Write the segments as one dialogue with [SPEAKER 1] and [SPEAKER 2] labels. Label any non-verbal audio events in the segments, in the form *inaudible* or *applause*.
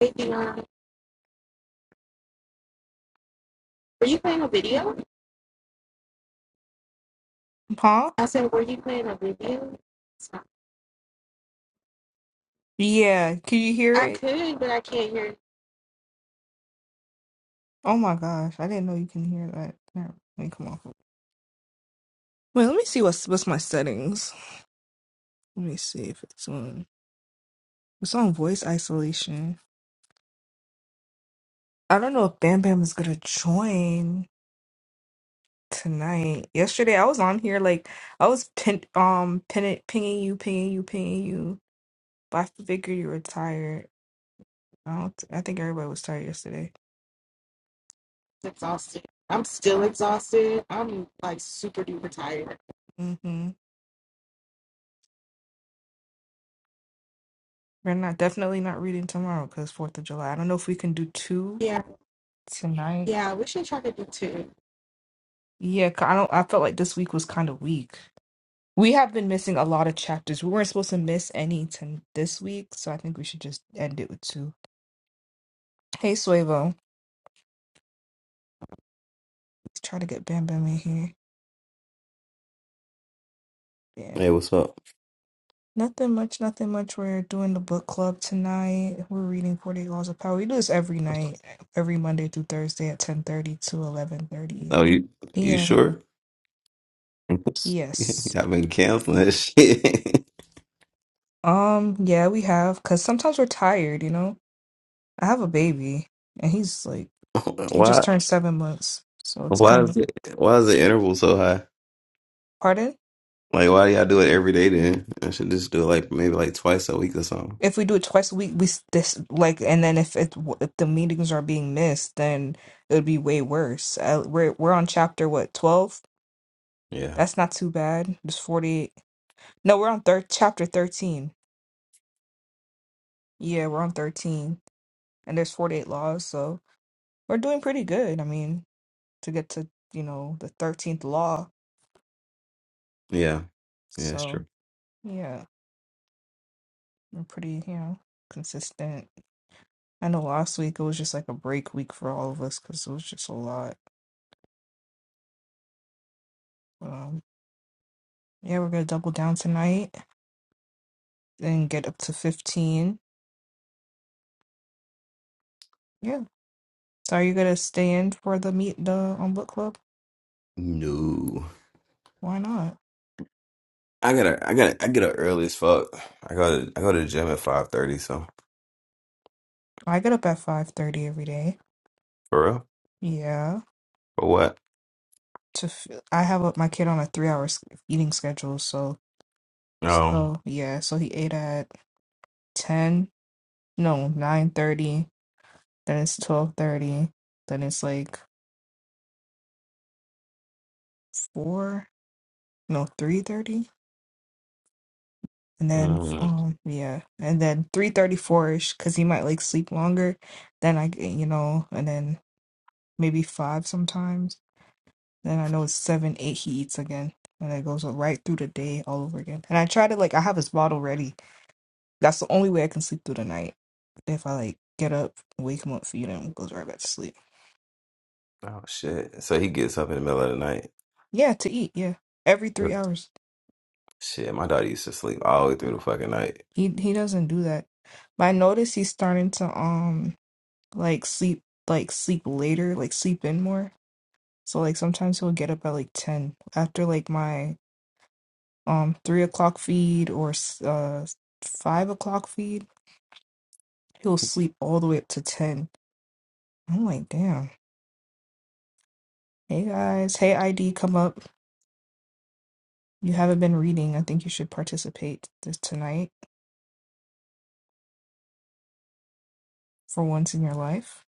[SPEAKER 1] Davion, were you playing a video?
[SPEAKER 2] Huh?
[SPEAKER 1] I said, were you playing a video? So
[SPEAKER 2] Yeah. Can you hear
[SPEAKER 1] I
[SPEAKER 2] it?
[SPEAKER 1] could, but I can't hear. it.
[SPEAKER 2] Oh my gosh. I didn't know you can hear that. Never- Let me come off. of- Wait, let me see what's what's my settings. Let me see if it's on it's on voice isolation. I don't know if Bam Bam is gonna join tonight. Yesterday I was on here like I was pin um pin pinging you, pinging you, pinging you. But I figured you were tired. I don't I think everybody was tired yesterday.
[SPEAKER 1] It's exhausted. I'm still exhausted. I'm like super duper tired.
[SPEAKER 2] Mm-hmm. We're not definitely not reading tomorrow because Fourth of July. I don't know if we can do two
[SPEAKER 1] Yeah,
[SPEAKER 2] tonight.
[SPEAKER 1] yeah. We should try to do two.
[SPEAKER 2] Yeah, 'cause I don't. I felt like this week was kind of weak. We have been missing a lot of chapters. We weren't supposed to miss any to this week, so I think we should just end it with two. Hey, Suevo, let's try to get Bam Bam in here. Yeah,
[SPEAKER 3] Hey, what's up?
[SPEAKER 2] nothing much, nothing much. We're doing the book club tonight. We're reading Forty Eight Laws of Power. We do this every night, every Monday through Thursday at ten thirty to eleven thirty
[SPEAKER 3] Oh, you you
[SPEAKER 2] p.m.
[SPEAKER 3] sure? *laughs*
[SPEAKER 2] Yes.
[SPEAKER 3] I've been canceling that shit.
[SPEAKER 2] Um, yeah, we have, cause sometimes we're tired, you know. I have a baby, and he's like
[SPEAKER 3] *laughs*
[SPEAKER 2] he just
[SPEAKER 3] Why?
[SPEAKER 2] turned seven months, so it's
[SPEAKER 3] Why
[SPEAKER 2] kind of
[SPEAKER 3] is it? Why is the interval so high?
[SPEAKER 2] pardon.
[SPEAKER 3] Like, why do y'all do it every day? Then I should just do it like maybe like twice a week or something.
[SPEAKER 2] If we do it twice a week, we s- this like, and then if it if the meetings are being missed, then it would be way worse. Uh, we're we're on chapter what twelve?
[SPEAKER 3] Yeah,
[SPEAKER 2] That's not too bad. There's forty eight. No, we're on thir chapter thirteen. Yeah, we're on thirteen, and there's forty eight laws, so we're doing pretty good. I mean, to get to you know the thirteenth law,
[SPEAKER 3] yeah, yeah. That's
[SPEAKER 2] so.
[SPEAKER 3] true.
[SPEAKER 2] Yeah. I'm pretty, you know, consistent. I know last week it was just like a break week for all of us because it was just a lot. Um, yeah, we're gonna double down tonight and get up to 15. Yeah. So are you gonna stay in for the meet the on book club?
[SPEAKER 3] No,
[SPEAKER 2] Why not?
[SPEAKER 3] I gotta, I gotta, I get up early as fuck. I go, to, I go to the gym at five thirty. So
[SPEAKER 2] I get up at 5:30 every day.
[SPEAKER 3] for real,
[SPEAKER 2] Yeah.
[SPEAKER 3] for what?
[SPEAKER 2] To f- I have a, my kid on a three hour s- eating schedule, so
[SPEAKER 3] No.
[SPEAKER 2] so yeah. So he ate at 10, no 9:30. Then it's 12:30. Then it's like four. no, three thirty, and then
[SPEAKER 3] Mm.
[SPEAKER 2] um, yeah, and then three thirty four ish, cause he might like sleep longer. Then I, g- you know, and then maybe five sometimes. Then I know it's seven, eight. He eats again, and it goes right through the day all over again. And I try to like, I have his bottle ready. That's the only way I can sleep through the night. If I like get up, wake him up, feed him, he goes right back to sleep.
[SPEAKER 3] Oh shit. So he gets up in the middle of the night.
[SPEAKER 2] Yeah, to eat. Yeah, every three hours.
[SPEAKER 3] Shit, my daughter used to sleep all the way through the fucking night.
[SPEAKER 2] He he doesn't do that. But I noticed he's starting to um. like sleep like sleep later, like sleep in more. So like sometimes he'll get up at like ten after like my um three o'clock feed or s- uh five o'clock feed. He'll sleep all the way up to ten. I'm like, damn. Hey guys, hey ID, come up. You haven't been reading. I think you should participate this tonight for once in your life.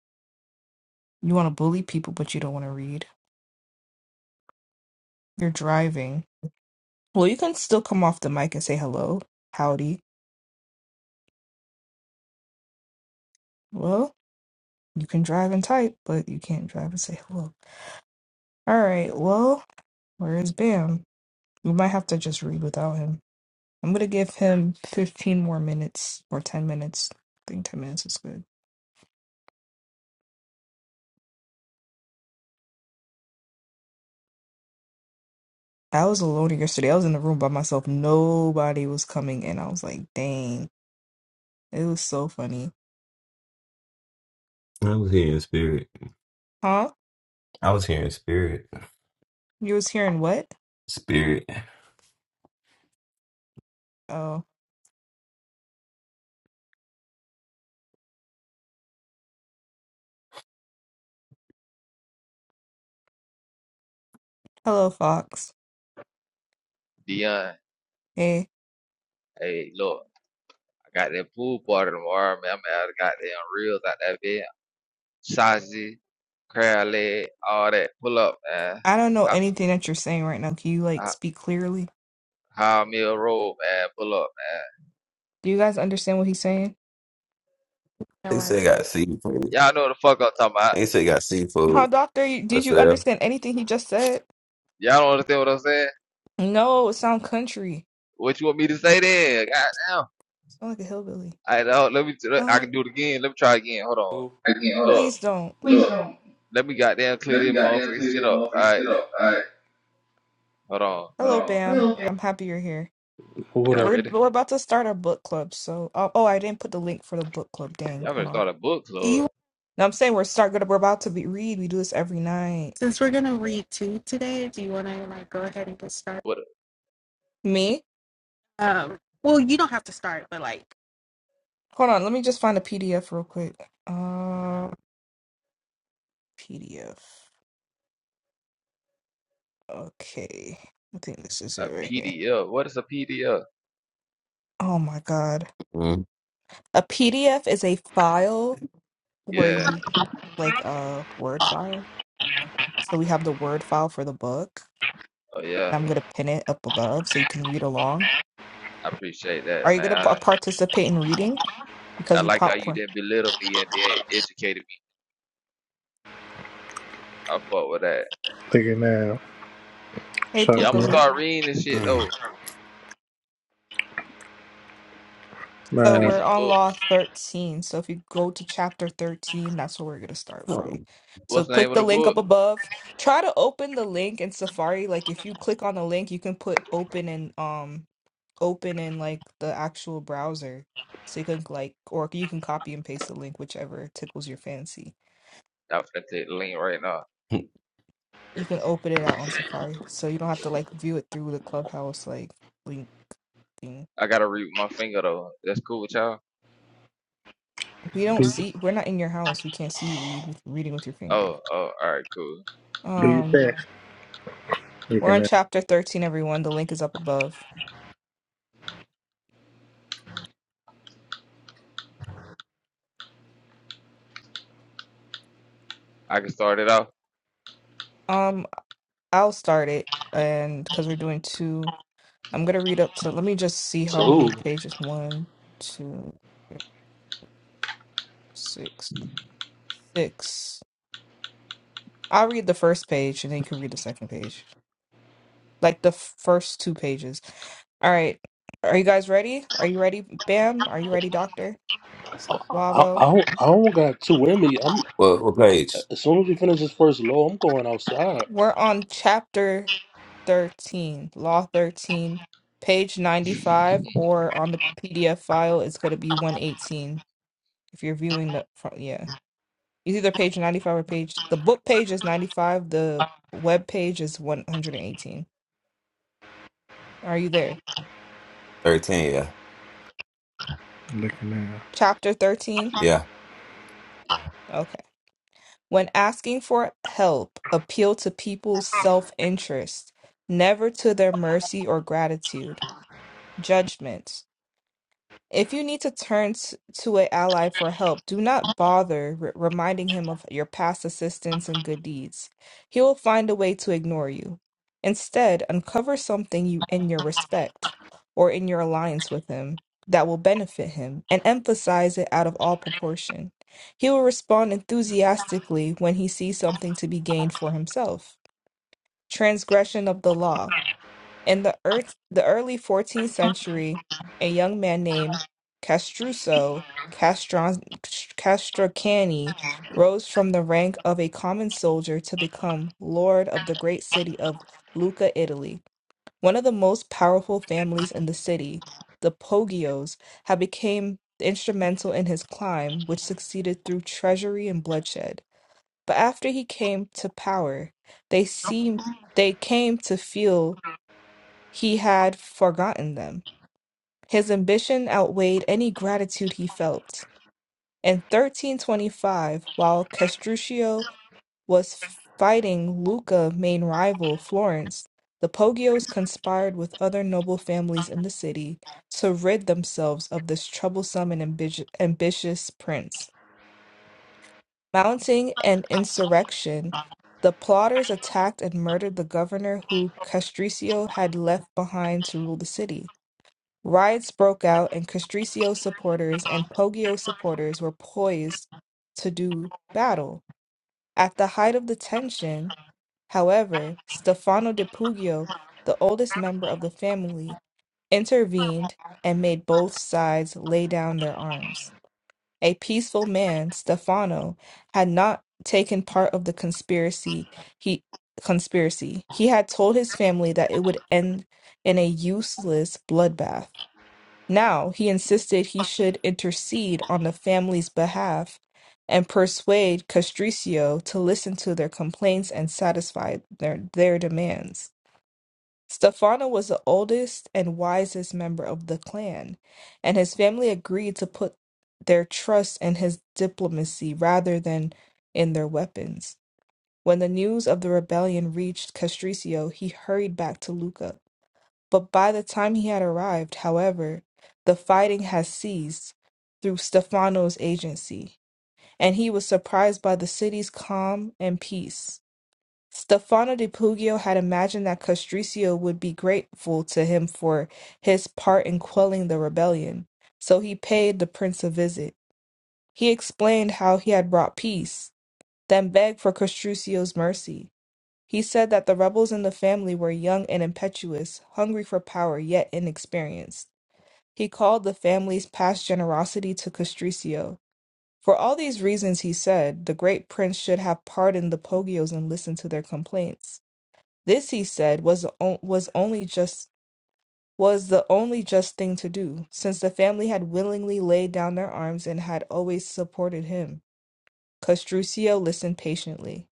[SPEAKER 2] You want to bully people, but you don't want to read. You're driving. Well, you can still come off the mic and say hello, howdy. Well, You can drive and type, but you can't drive and say hello. All right, well, where is Bam? We might have to just read without him. I'm gonna give him 15 more minutes or 10 minutes. I think 10 minutes is good. I was alone yesterday. I was in the room by myself. Nobody was coming in. I was like, dang, it was so funny.
[SPEAKER 3] I was here in spirit.
[SPEAKER 2] Huh?
[SPEAKER 3] I was here in spirit.
[SPEAKER 2] You was hearing what?
[SPEAKER 3] Spirit.
[SPEAKER 2] Oh, hello, Fox.
[SPEAKER 4] Dion,
[SPEAKER 2] Hey,
[SPEAKER 4] hey, look, I got that pool party tomorrow, man. I'm out of goddamn reels out that bed. Sausage, crab leg, all that. Pull up, man.
[SPEAKER 2] I don't know
[SPEAKER 4] How
[SPEAKER 2] anything that you're saying right now. Can you like
[SPEAKER 4] how
[SPEAKER 2] speak clearly?
[SPEAKER 4] High meal roll, man. Pull up, man.
[SPEAKER 2] Do you guys understand what he's saying?
[SPEAKER 1] No,
[SPEAKER 3] They
[SPEAKER 1] I want
[SPEAKER 3] say
[SPEAKER 1] to do
[SPEAKER 3] got
[SPEAKER 1] it.
[SPEAKER 3] seafood.
[SPEAKER 4] Y'all know what the fuck I'm talking about.
[SPEAKER 3] They say got
[SPEAKER 2] Huh,
[SPEAKER 3] seafood
[SPEAKER 2] doctor? you-
[SPEAKER 3] for
[SPEAKER 2] Did you
[SPEAKER 3] sale.
[SPEAKER 2] understand anything he just said?
[SPEAKER 4] Y'all don't understand what I'm saying?
[SPEAKER 2] No, it sound country.
[SPEAKER 4] What you want me to say then? Goddamn. All
[SPEAKER 2] Sound like a hillbilly.
[SPEAKER 4] right, dog, let me, let- I
[SPEAKER 2] Oh,
[SPEAKER 4] can do it again. Let me try again. Hold on.
[SPEAKER 5] Oh. I can't. Hold on.
[SPEAKER 4] Look,
[SPEAKER 2] please don't.
[SPEAKER 5] Please Look, don't.
[SPEAKER 4] let me goddamn clear
[SPEAKER 5] Let me
[SPEAKER 4] this
[SPEAKER 5] goddamn
[SPEAKER 4] motherfucking
[SPEAKER 5] clear
[SPEAKER 4] shit
[SPEAKER 5] this
[SPEAKER 4] up. All
[SPEAKER 5] motherfucking
[SPEAKER 4] right,
[SPEAKER 5] shit up. All right.
[SPEAKER 4] hold on.
[SPEAKER 5] Hold
[SPEAKER 2] Hello, Bam.
[SPEAKER 5] on. Okay.
[SPEAKER 2] I'm happy you're here.
[SPEAKER 4] Y'all
[SPEAKER 2] We're
[SPEAKER 4] ready?
[SPEAKER 2] we're about to start our book club. So, oh, oh I didn't put the link for the book club. Dang,
[SPEAKER 4] Y'all
[SPEAKER 2] hold
[SPEAKER 4] better
[SPEAKER 2] on.
[SPEAKER 4] start a book
[SPEAKER 1] Do
[SPEAKER 4] club.
[SPEAKER 1] you?
[SPEAKER 2] No, I'm saying we're start gonna we're about to be read. We do this every night.
[SPEAKER 1] Since we're gonna read two today, do you want to like go ahead and get started?
[SPEAKER 4] What
[SPEAKER 2] Me?
[SPEAKER 1] Um. Well, you don't have to start, but like.
[SPEAKER 2] Hold on. Let me just find a PDF real quick. Uh, PDF. Okay. I think this is
[SPEAKER 4] a, a
[SPEAKER 2] it right
[SPEAKER 4] P
[SPEAKER 2] here.
[SPEAKER 4] D F. What is a PDF?
[SPEAKER 2] Oh my God.
[SPEAKER 3] Mm.
[SPEAKER 2] A PDF is a file where
[SPEAKER 4] Yeah.
[SPEAKER 2] you like a Word file. So we have the Word file for the book,
[SPEAKER 4] Oh
[SPEAKER 2] and
[SPEAKER 4] yeah,
[SPEAKER 2] I'm gonna pin it up above so you can read along.
[SPEAKER 4] I appreciate
[SPEAKER 2] Are
[SPEAKER 4] that,
[SPEAKER 2] you gonna
[SPEAKER 4] man. I,
[SPEAKER 2] pa- participate in reading? Because
[SPEAKER 4] I
[SPEAKER 2] we
[SPEAKER 4] like how you
[SPEAKER 2] popcorn.
[SPEAKER 4] didn't belittle me and then educated me. I fuck with that.
[SPEAKER 6] Thinking now.
[SPEAKER 2] Hey,
[SPEAKER 4] Yeah,
[SPEAKER 6] Shut
[SPEAKER 4] I'm
[SPEAKER 6] me.
[SPEAKER 4] gonna
[SPEAKER 2] Pookaloo.
[SPEAKER 4] start reading this shit
[SPEAKER 3] Mm. *clears throat*
[SPEAKER 4] though.
[SPEAKER 2] So
[SPEAKER 4] I
[SPEAKER 6] Nah.
[SPEAKER 4] need
[SPEAKER 2] we're
[SPEAKER 4] some
[SPEAKER 2] on Law
[SPEAKER 4] books.
[SPEAKER 2] 13. So if you go to chapter 13, that's where we're gonna start from.
[SPEAKER 3] Oh.
[SPEAKER 2] So
[SPEAKER 4] What's the name
[SPEAKER 2] click
[SPEAKER 4] of
[SPEAKER 2] the
[SPEAKER 4] the
[SPEAKER 2] link
[SPEAKER 4] book?
[SPEAKER 2] up above. Try to open the link in Safari. Like if you click on the link, you can put open in um open in like the actual browser. So you can like, or you can copy and paste the link, whichever tickles your fancy.
[SPEAKER 4] Nah, I'm finna take the link right now.
[SPEAKER 2] you can open it out on Safari, so you don't have to like view it through the clubhouse like link thing.
[SPEAKER 4] I gotta read with my finger though. That's cool with y'all.
[SPEAKER 2] We
[SPEAKER 6] Do,
[SPEAKER 2] don't see. We're not in your house. We can't see you read with reading with your finger.
[SPEAKER 4] Oh, oh, all right, cool.
[SPEAKER 6] do your
[SPEAKER 2] Um,
[SPEAKER 6] best.
[SPEAKER 2] we're
[SPEAKER 6] Looking
[SPEAKER 2] on
[SPEAKER 6] now.
[SPEAKER 2] chapter thirteen. Everyone, the link is up above.
[SPEAKER 4] I can start it off.
[SPEAKER 2] Um, I'll start it, and because we're doing two. I'm gonna read up to let me just see how
[SPEAKER 5] So
[SPEAKER 2] many pages. One, two, six, six. I'll read the first page and then you can read the second page. Like the f- first two pages. All right. Are you guys ready? Are you ready, Bam? Are you ready, Doctor?
[SPEAKER 5] I I
[SPEAKER 2] Swabo.
[SPEAKER 5] don't, I don't got too in me. I'm
[SPEAKER 3] What, what page?
[SPEAKER 5] as soon as we finish this first low, I'm going outside.
[SPEAKER 2] We're on chapter 13, Law 13, page 95, or on the PDF file, it's going to be 118 if you're viewing the front. Yeah. It's either page 95 or page. The book page is 95. The web page is 118. Are you there?
[SPEAKER 3] 13, yeah.
[SPEAKER 6] Looking now.
[SPEAKER 2] Chapter 13.
[SPEAKER 3] Yeah.
[SPEAKER 2] Okay. When asking for help, appeal to people's self interest, never to their mercy or gratitude. Judgment. If you need to turn t- to an ally for help, do not bother re- reminding him of your past assistance and good deeds. He will find a way to ignore you. Instead, uncover something you in your respect or in your alliance with him that will benefit him and emphasize it out of all proportion. He will respond enthusiastically when he sees something to be gained for himself. Transgression of the law. In the, ear- the early 14th century, a young man named Castruccio Castran- Castracani rose from the rank of a common soldier to become lord of the great city of Lucca, Italy. One of the most powerful families in the city, the Poggios, had become instrumental in his climb, which succeeded through treachery and bloodshed. But after he came to power, they seemed they came to feel he had forgotten them. His ambition outweighed any gratitude he felt. In 1325, while Castruccio was fighting Lucca, main rival Florence, the Poggios conspired with other noble families in the city to rid themselves of this troublesome and ambi- ambitious prince. Mounting an insurrection, the plotters attacked and murdered the governor who Castruccio had left behind to rule the city. Riots broke out, and Castricio supporters and Poggio supporters were poised to do battle. At the height of the tension, however, Stefano de Puglio, the oldest member of the family, intervened and made both sides lay down their arms. A peaceful man, Stefano, had not taken part of the conspiracy. He conspiracy. He had told his family that it would end in a useless bloodbath. Now, he insisted he should intercede on the family's behalf and persuade Castricio to listen to their complaints and satisfy their, their demands. Stefano was the oldest and wisest member of the clan, and his family agreed to put their trust in his diplomacy rather than in their weapons. When the news of the rebellion reached Castricio, he hurried back to Lucca but by the time he had arrived, however, the fighting had ceased through Stefano's agency, and he was surprised by the city's calm and peace. Stefano di Puglio had imagined that Castricio would be grateful to him for his part in quelling the rebellion, so he paid the prince a visit. He explained how he had brought peace, then begged for Castricio's mercy. He said that the rebels in the family were young and impetuous, hungry for power yet inexperienced. He called the family's past generosity to Castricio. For all these reasons, he said, the great prince should have pardoned the Pogios and listened to their complaints. This, he said, was the on- was only just was the only just thing to do, since the family had willingly laid down their arms and had always supported him. Castruccio listened patiently.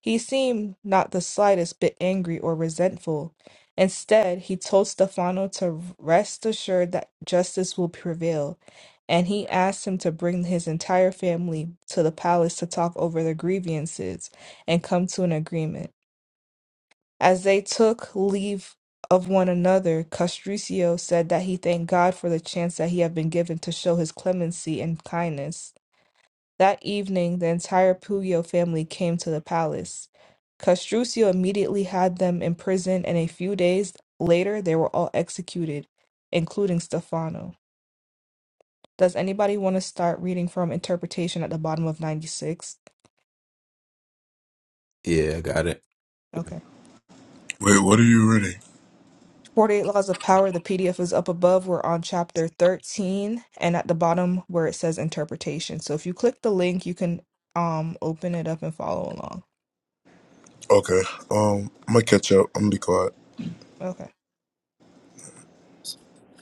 [SPEAKER 2] He seemed not the slightest bit angry or resentful. Instead, he told Stefano to rest assured that justice will prevail, and he asked him to bring his entire family to the palace to talk over the grievances and come to an agreement. As they took leave of one another, Castruccio said that he thanked God for the chance that he had been given to show his clemency and kindness. That evening, the entire Puyo family came to the palace. Castruccio immediately had them imprisoned, and a few days later, they were all executed, including Stefano. Does anybody want to start reading from interpretation at the bottom of 96?
[SPEAKER 3] Yeah, I got it.
[SPEAKER 2] Okay.
[SPEAKER 7] Wait, what are you reading?
[SPEAKER 2] 48 Laws of Power, the PDF is up above. We're on chapter 13, and at the bottom where it says interpretation. So if you click the link, you can um open it up and follow along.
[SPEAKER 7] Okay. Um, I'm gonna catch up. I'm gonna be quiet.
[SPEAKER 2] Okay.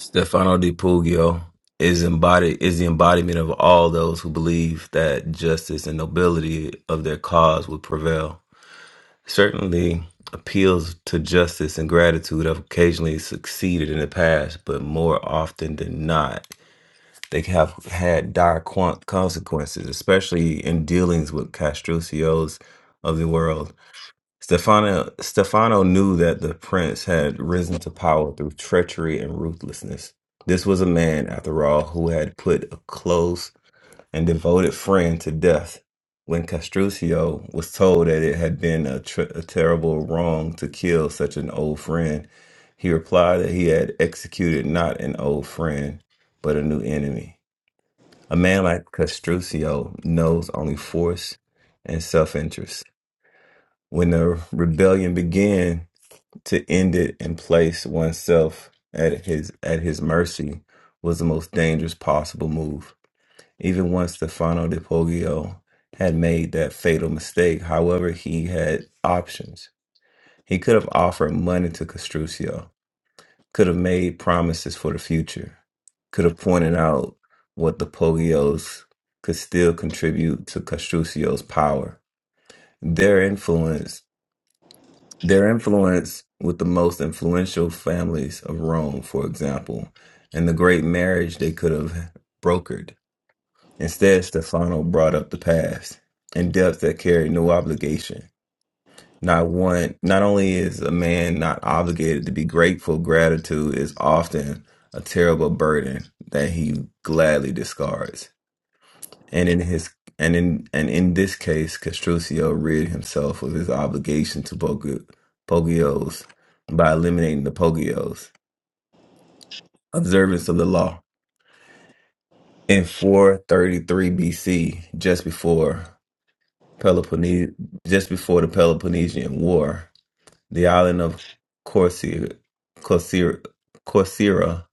[SPEAKER 3] Stefano Di Puglio is embodied is the embodiment of all those who believe that justice and nobility of their cause would prevail. Certainly appeals to justice and gratitude have occasionally succeeded in the past, but more often than not They have had dire quan- consequences, especially in dealings with Castrucios of the world. Stefano, Stefano knew that the prince had risen to power through treachery and ruthlessness. This was a man, after all, who had put a close and devoted friend to death. When Castruccio was told that it had been a, tr a terrible wrong to kill such an old friend, he replied that he had executed not an old friend, but a new enemy. A man like Castruccio knows only force and self-interest. When the rebellion began, to end it and place oneself at his at his mercy was the most dangerous possible move. Even once Stefano de Poggio had made that fatal mistake, however, he had options. He could have offered money to Castruccio, could have made promises for the future, could have pointed out what the Pogios could still contribute to Castruccio's power. Their influence, their influence with the most influential families of Rome, for example, and the great marriage they could have brokered. Instead, Stefano brought up the past in debts that carried no obligation not one, not only is a man not obligated to be grateful, gratitude is often a terrible burden that he gladly discards. And in his and in and in this case, Castruccio rid himself of his obligation to Pog- Pogios by eliminating the Pogios, observance of the law. In 433 BC, just before Peloponnese, just before the Peloponnesian War, The island of Corsi- Corsi- Corsaira,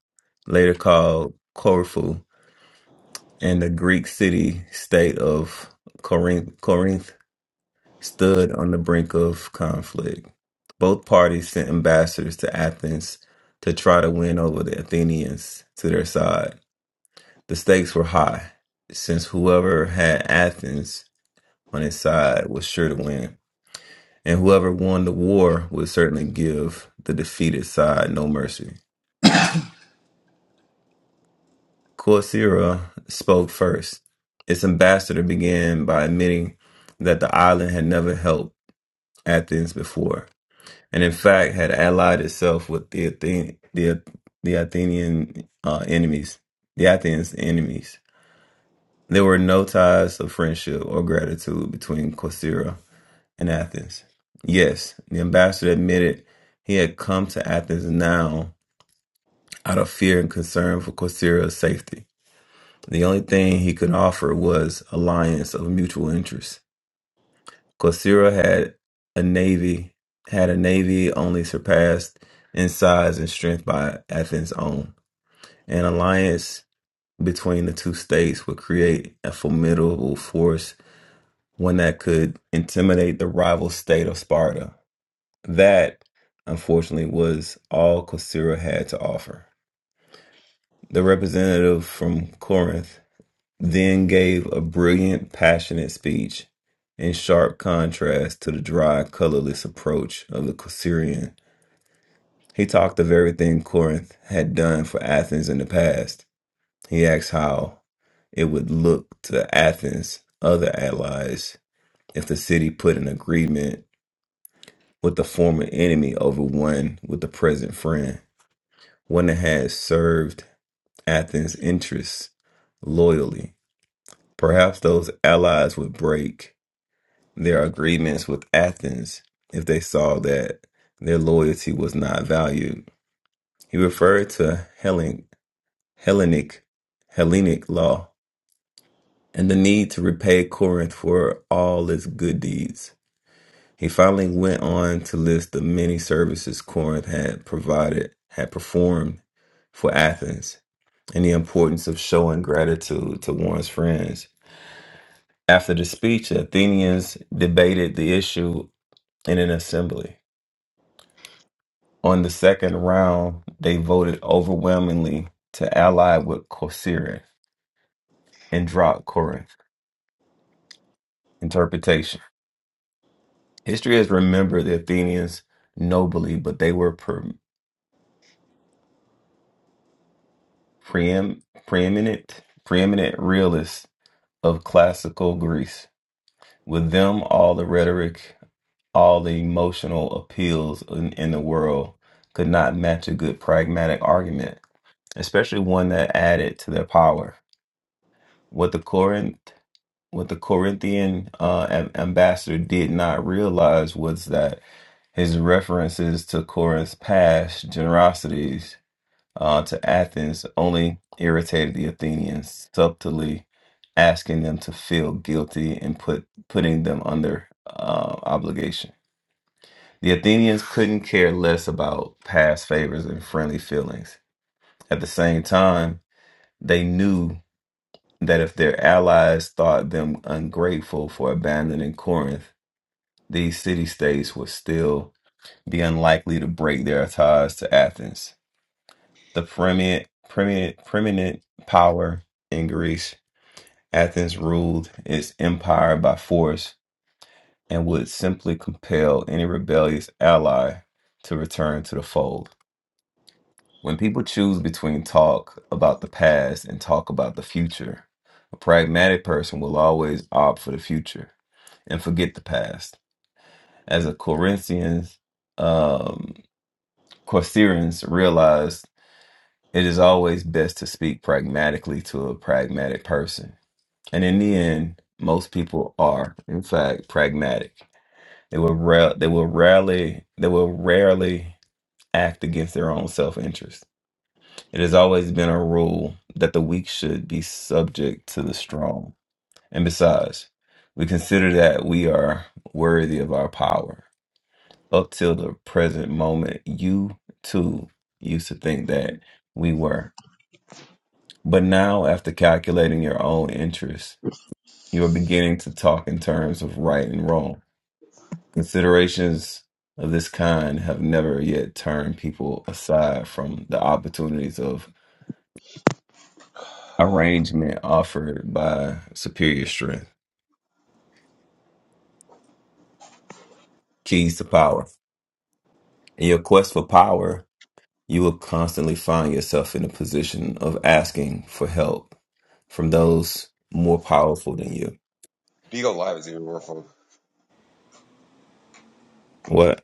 [SPEAKER 3] later called Corfu, and the Greek city-state of Corinth, Corinth stood on the brink of conflict. Both parties sent ambassadors to Athens to try to win over the Athenians to their side. The stakes were high, since whoever had Athens on his side was sure to win, and whoever won the war would certainly give the defeated side no mercy. Coursera spoke first. Its ambassador began by admitting that the island had never helped Athens before, and in fact had allied itself with the Athen- the, the Athenian uh, enemies, the Athens enemies. There were no ties of friendship or gratitude between Coursera and Athens. Yes, the ambassador admitted he had come to Athens now out of fear and concern for Coursera's safety. The only thing he could offer was alliance of mutual interest. Quasira had a navy had a navy only surpassed in size and strength by Athens' own. An alliance between the two states would create a formidable force, one that could intimidate the rival state of Sparta. That, unfortunately, was all Quasira had to offer. The representative from Corinth then gave a brilliant, passionate speech in sharp contrast to the dry, colorless approach of the Syrian. He talked of everything Corinth had done for Athens in the past. He asked how it would look to Athens' other allies if the city put an agreement with the former enemy over one with the present friend, one that had served Athens' interests loyally. Perhaps those allies would break their agreements with Athens if they saw that their loyalty was not valued. He referred to Hellen, Hellenic Hellenic law and the need to repay Corinth for all its good deeds. He finally went on to list the many services Corinth had provided, had performed for Athens, and the importance of showing gratitude to one's friends. After the speech, Athenians debated the issue in an assembly. On the second round, they voted overwhelmingly to ally with Corcyra and drop Corinth. Interpretation History has remembered the Athenians nobly, but they were pre- preem- preeminent, preeminent realists of classical Greece. With them, all the rhetoric, all the emotional appeals in, in the world could not match a good pragmatic argument, especially one that added to their power. What the Corinth what the Corinthian uh, am- ambassador did not realize was that his references to Corinth's past generosities uh, to Athens only irritated the Athenians, subtly asking them to feel guilty and put putting them under uh, obligation. The Athenians couldn't care less about past favors and friendly feelings. At the same time, they knew that if their allies thought them ungrateful for abandoning Corinth, these city states would still be unlikely to break their ties to Athens, the preeminent, preeminent, preeminent power in Greece. Athens ruled its empire by force and would simply compel any rebellious ally to return to the fold. When people choose between talk about the past and talk about the future, a pragmatic person will always opt for the future and forget the past. As a Corinthians, um. Corsairians realized it is always best to speak pragmatically to a pragmatic person. And in the end, most people are, in fact, pragmatic. They will ra- they will rarely they will rarely act against their own self-interest. It has always been a rule that the weak should be subject to the strong. And besides, we consider that we are worthy of our power. Up till the present moment, you too used to think that we were. But now, after calculating your own interests, you are beginning to talk in terms of right and wrong. Considerations of this kind have never yet turned people aside from the opportunities of arrangement offered by superior strength. Keys to power. In your quest for power, you will constantly find yourself in a position of asking for help from those more powerful than you.
[SPEAKER 8] Beagle Live is even more fun.
[SPEAKER 3] What?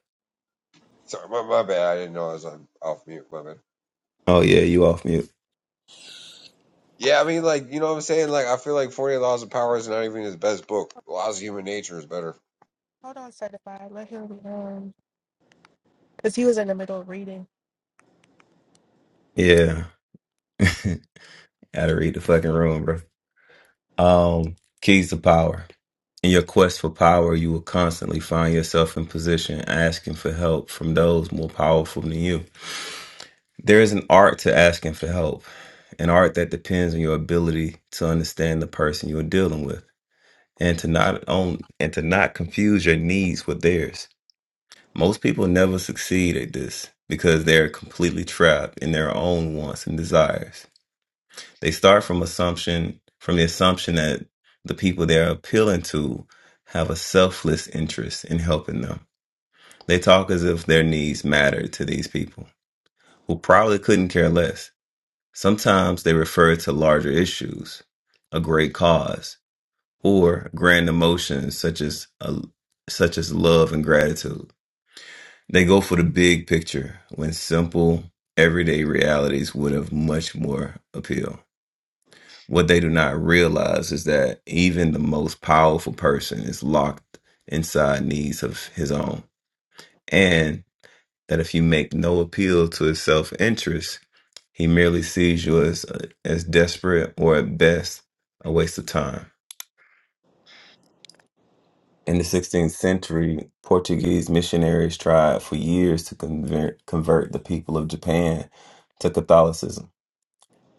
[SPEAKER 8] Sorry, my, my bad. I didn't know I was on off mute. My bad.
[SPEAKER 3] Oh, yeah, you off mute.
[SPEAKER 8] Yeah, I mean, like you know what I'm saying. Like I feel like Forty Laws of Power is not even his best book. Laws of Human Nature is better.
[SPEAKER 1] Hold on, certified. Let him. Um. Because he was in the middle of reading.
[SPEAKER 3] Yeah. *laughs* Gotta read the fucking room, bro. Um, keys to power. In your quest for power, you will constantly find yourself in position asking for help from those more powerful than you. There is an art to asking for help, an art that depends on your ability to understand the person you're dealing with and to not own and to not confuse your needs with theirs. Most people never succeed at this because they're completely trapped in their own wants and desires. They start from assumption from the assumption that the people they're appealing to have a selfless interest in helping them. They talk as if their needs matter to these people who probably couldn't care less. Sometimes they refer to larger issues, a great cause, or grand emotions such as a, such as love and gratitude. They go for the big picture when simple everyday realities would have much more appeal. What they do not realize is that even the most powerful person is locked inside needs of his own. And that if you make no appeal to his self interest, he merely sees you as, uh, as desperate or at best a waste of time. In the 16th century, Portuguese missionaries tried for years to convert, convert the people of Japan to Catholicism,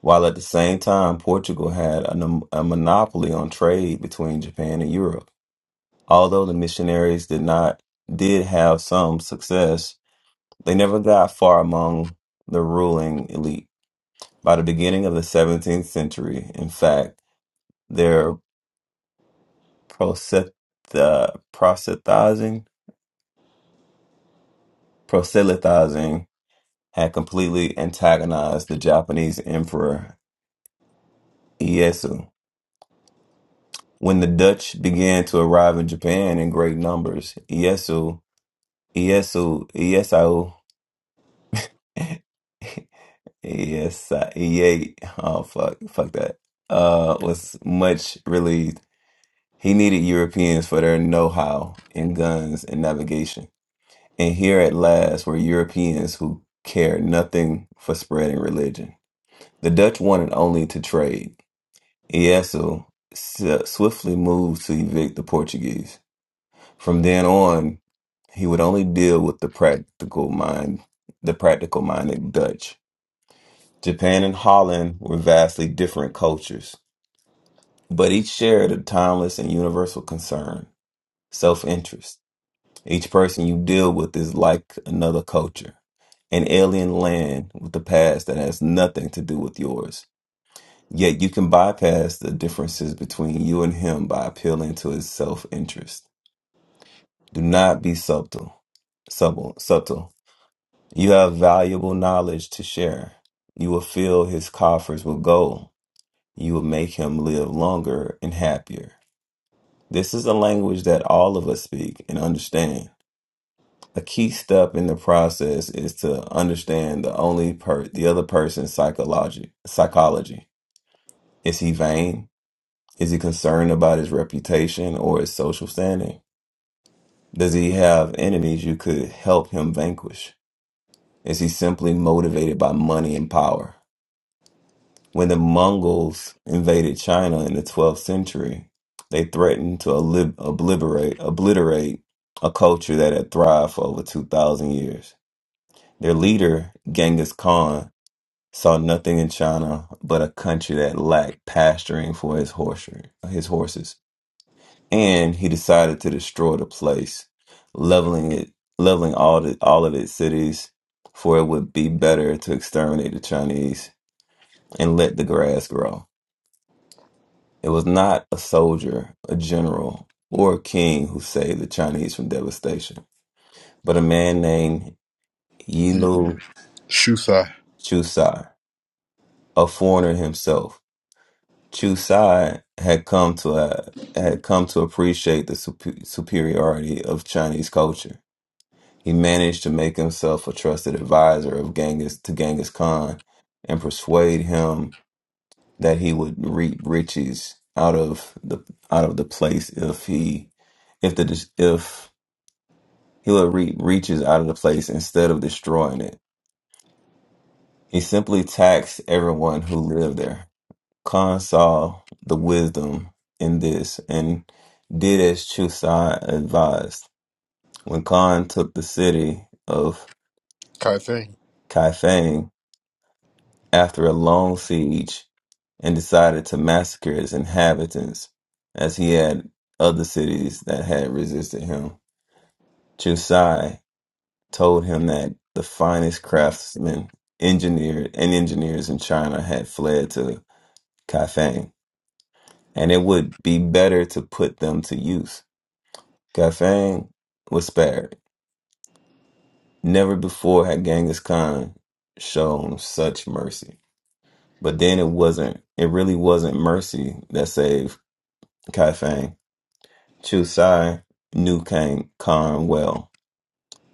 [SPEAKER 3] while at the same time, Portugal had a, nom- a monopoly on trade between Japan and Europe. Although the missionaries did not did have some success, they never got far among the ruling elite. By the beginning of the 17th century, in fact, their proselytizing proselytizing proselytizing had completely antagonized the Japanese emperor Ieyasu. When the Dutch began to arrive in Japan in great numbers, Ieyasu Ieyasu Ieyasu *laughs* Yes, I, E A. Oh fuck, fuck that. Uh, was much relieved. He needed Europeans for their know-how in guns and navigation. And here at last were Europeans who cared nothing for spreading religion. The Dutch wanted only to trade. Ieyasu s- swiftly moved to evict the Portuguese. From then on, he would only deal with the practical mind, the practical minded Dutch. Japan and Holland were vastly different cultures, but each shared a timeless and universal concern self interest. Each person you deal with is like another culture, an alien land with a past that has nothing to do with yours. Yet you can bypass the differences between you and him by appealing to his self interest. Do not be subtle, subtle, subtle. You have valuable knowledge to share. You will fill his coffers with gold You will make him live longer and happier. This is a language that all of us speak and understand. A key step in the process is to understand the only per the other person's psychology psychology. Is he vain? Is he concerned about his reputation or his social standing? Does he have enemies you could help him vanquish? Is he simply motivated by money and power? When the Mongols invaded China in the 12th century, they threatened to oblib- obliterate, obliterate a culture that had thrived for over 2,000 years. Their leader, Genghis Khan, saw nothing in China but a country that lacked pasturing for his, horse- his horses. And he decided to destroy the place, leveling it, leveling all, the, all of its cities, for it would be better to exterminate the Chinese and let the grass grow. It was not a soldier, a general, or a king who saved the Chinese from devastation, but a man named
[SPEAKER 7] Mm.
[SPEAKER 3] Yilu
[SPEAKER 7] Shusai.
[SPEAKER 3] Chusai, a foreigner himself. Chusai had come to a, had come to appreciate the supe- superiority of Chinese culture. He managed to make himself a trusted advisor of Genghis to Genghis Khan and persuade him that he would reap riches out of the out of the place if he if the if he would reap riches out of the place instead of destroying it. He simply taxed everyone who lived there. Khan saw the wisdom in this and did as Chusan advised. When Khan took the city of
[SPEAKER 7] Kai thing.
[SPEAKER 3] Kaifeng after a long siege and decided to massacre its inhabitants as he had other cities that had resisted him. Chusai told him that the finest craftsmen, engineer, and engineers in China had fled to Kaifeng, and it would be better to put them to use. Kaifeng was spared. Never before had Genghis Khan shown such mercy. But then it wasn't, it really wasn't mercy that saved Kaifeng. Chu Sai knew Kang Khan well.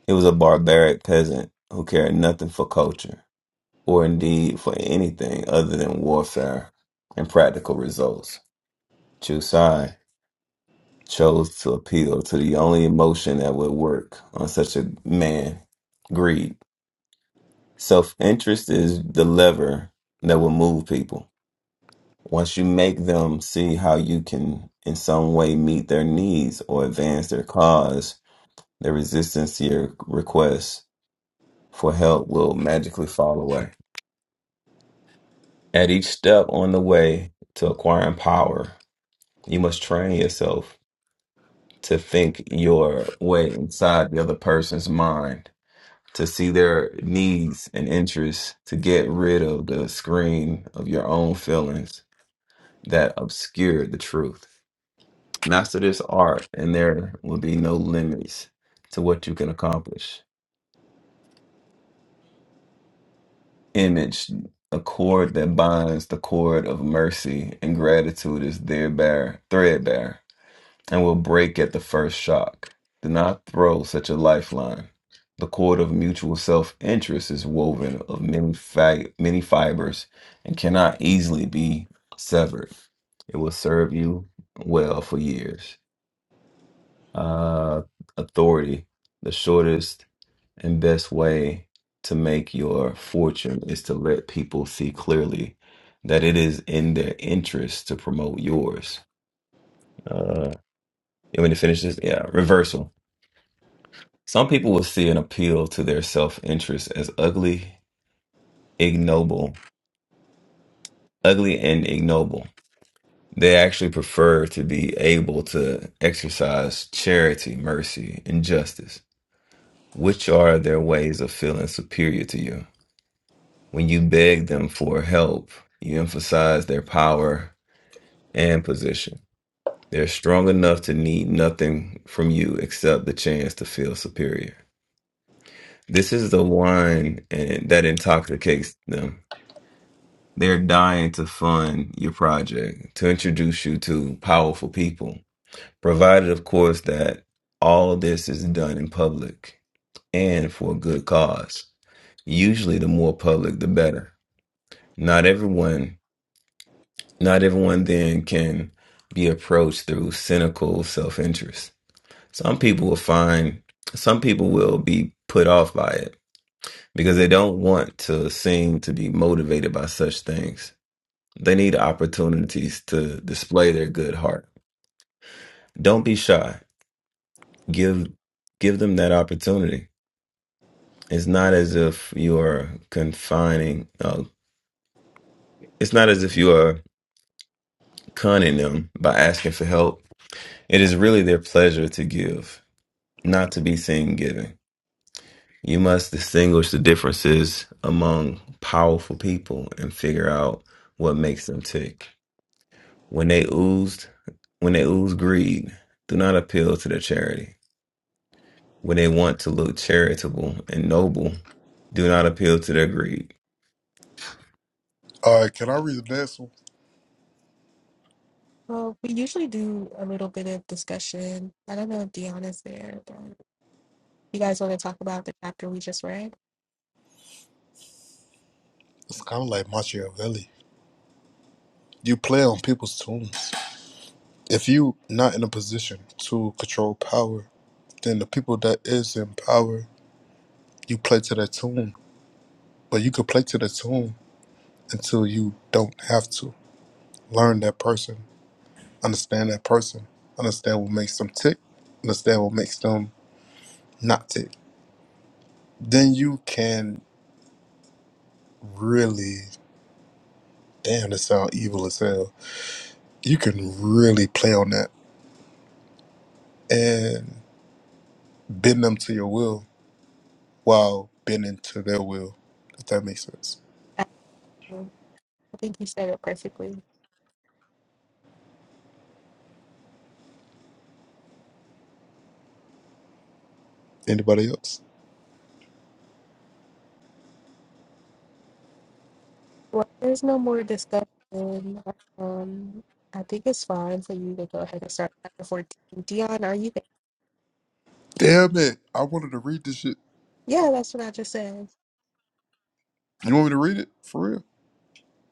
[SPEAKER 3] He was a barbaric peasant who cared nothing for culture, or indeed for anything other than warfare and practical results. Chu Sai chose to appeal to the only emotion that would work on such a man greed. Self interest is the lever that will move people. Once you make them see how you can, in some way, meet their needs or advance their cause, The resistance to your request for help will magically fall away. At each step on the way to acquiring power, you must train yourself to think your way inside the other person's mind, to see their needs and interests, to get rid of the screen of your own feelings that obscure the truth. Master this art, and there will be no limits to what you can accomplish. image, a cord that binds the cord of mercy and gratitude is thereby threadbare and will break at the first shock. Do not throw such a lifeline. The cord of mutual self-interest is woven of many, fi- many fibers and cannot easily be severed. It will serve you well for years. Uh, authority, the shortest and best way to make your fortune is to let people see clearly that it is in their interest to promote yours. Uh, you want me to finish this? Yeah, reversal. Some people will see an appeal to their self interest as ugly, ignoble, ugly and ignoble. They actually prefer to be able to exercise charity, mercy, and justice, which are their ways of feeling superior to you. When you beg them for help, you emphasize their power and position. They're strong enough to need nothing from you except the chance to feel superior. This is the wine and that intoxicates them. They're dying to fund your project, to introduce you to powerful people, provided, of course, that all of this is done in public and for a good cause. Usually, the more public, the better. Not everyone Not everyone then can be approached through cynical self interest. Some people will find, some people will be put off by it because they don't want to seem to be motivated by such things. They need opportunities to display their good heart. Don't be shy. Give give them that opportunity. It's not as if you are confining. Uh, it's not as if you are conning them by asking for help. It is really their pleasure to give not to be seen giving. You must distinguish the differences among powerful people and figure out what makes them tick. When they oozed, when they ooze greed, do not appeal to their charity. When they want to look charitable and noble, do not appeal to their greed.
[SPEAKER 7] Alright, can I read the next one?
[SPEAKER 1] Well, we usually do a little bit of discussion. I don't know if Dion is there, but You guys want to talk about the chapter we just read?
[SPEAKER 7] It's kinda like Machiavelli. You play on people's tunes. If you not in a position to control power, then the people that is in power, you play to their tune. But you could play to their tune until you don't have to. Learn that person. Understand that person. Understand what makes them tick. Understand what makes them not tick. Then you can really damn that sound evil as hell. You can really play on that and bend them to your will while bending to their will, if that makes sense.
[SPEAKER 1] Um, I think you said it perfectly.
[SPEAKER 7] Anybody else?
[SPEAKER 1] Well, there's no more discussion. Um, I think it's fine for you to go ahead and start chapter 14. Dion, are you there?
[SPEAKER 7] Damn it. I wanted to read this shit.
[SPEAKER 1] Yeah, that's what I just said.
[SPEAKER 7] You want me to read it? For real?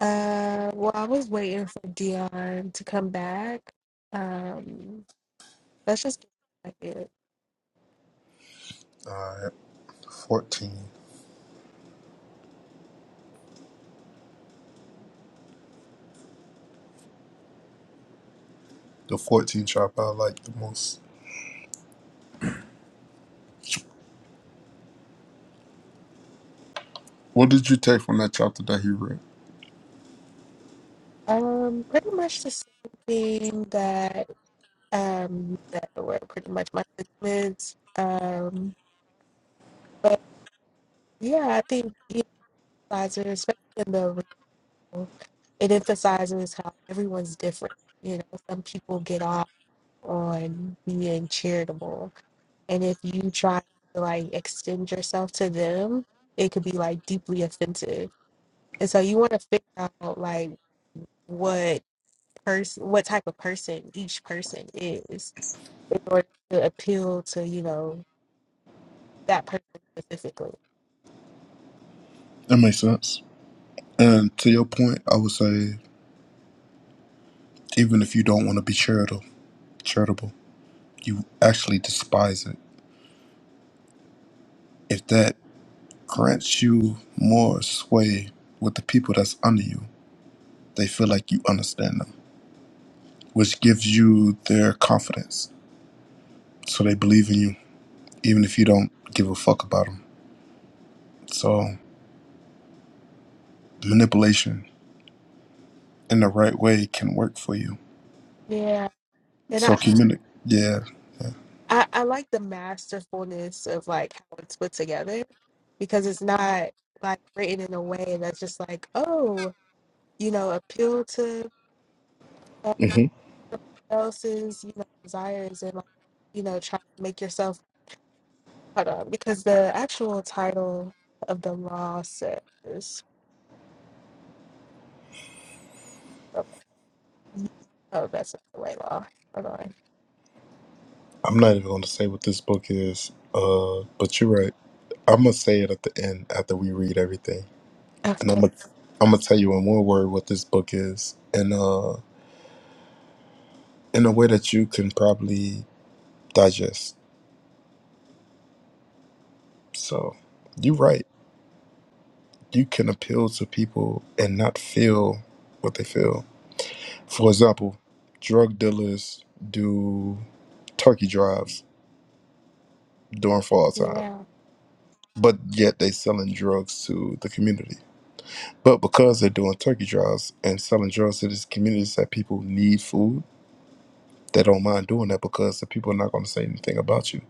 [SPEAKER 1] Uh, well, I was waiting for Dion to come back. Um, let's just get back in.
[SPEAKER 7] Alright. Fourteen. The fourteen chapter I like the most. What did you take from that chapter that he read?
[SPEAKER 1] Um, pretty much the same thing that um you said were pretty much my sentiments. Um, but yeah, I think Dion emphasizes, especially in the original, it emphasizes how everyone's different. You know, some people get off on being charitable, and if you try to like extend yourself to them, it could be like deeply offensive. And so you want to figure out like what person, what type of person each person is, in order to appeal to you know that person specifically.
[SPEAKER 7] That makes sense. And to your point, I would say even if you don't want to be charitable charitable, you actually despise it. If that grants you more sway with the people that's under you. They feel like you understand them, which gives you their confidence. So they believe in you, even if you don't give a fuck about them. So manipulation in the right way can work for you.
[SPEAKER 1] Yeah, and
[SPEAKER 7] So
[SPEAKER 1] I
[SPEAKER 7] communi- yeah.
[SPEAKER 1] I, I like the masterfulness of like how it's put together because it's not like written in a way that's just like, oh, you know, appeal to uh,
[SPEAKER 7] hmm
[SPEAKER 1] someone else's, you know, desires and like, you know, try to make yourself hold on because the actual title of the law says okay, oh that's not the right law. Hold on. *laughs*
[SPEAKER 7] I'm not even going to say what this book is, uh, but you're right. I'm gonna say it at the end after we read everything, and
[SPEAKER 1] Okay.
[SPEAKER 7] I'm gonna I'm gonna tell you in one word what this book is, and uh, in a way that you can probably digest. So you're right. You can appeal to people and not feel what they feel. For example, drug dealers do turkey drives during fall time,
[SPEAKER 1] Yeah.
[SPEAKER 7] but yet they selling drugs to the community. But because they're doing turkey drives and selling drugs to these communities that people need food, they don't mind doing that because the people are not going to say anything about you.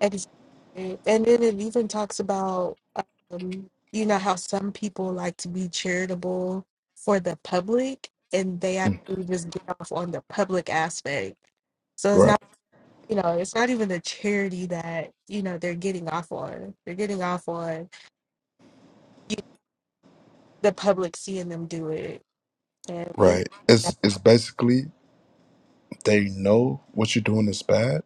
[SPEAKER 1] Exactly. And then it even talks about, um, you know, how some people like to be charitable for the public and they
[SPEAKER 7] Mm.
[SPEAKER 1] actually just get off on the public aspect. So it's
[SPEAKER 7] Right,
[SPEAKER 1] not, you know, it's not even the charity that, you know, they're getting off on. They're getting off on you, the public seeing them do it. And we,
[SPEAKER 7] right.
[SPEAKER 1] yeah.
[SPEAKER 7] It's it's basically they know what you're doing is bad,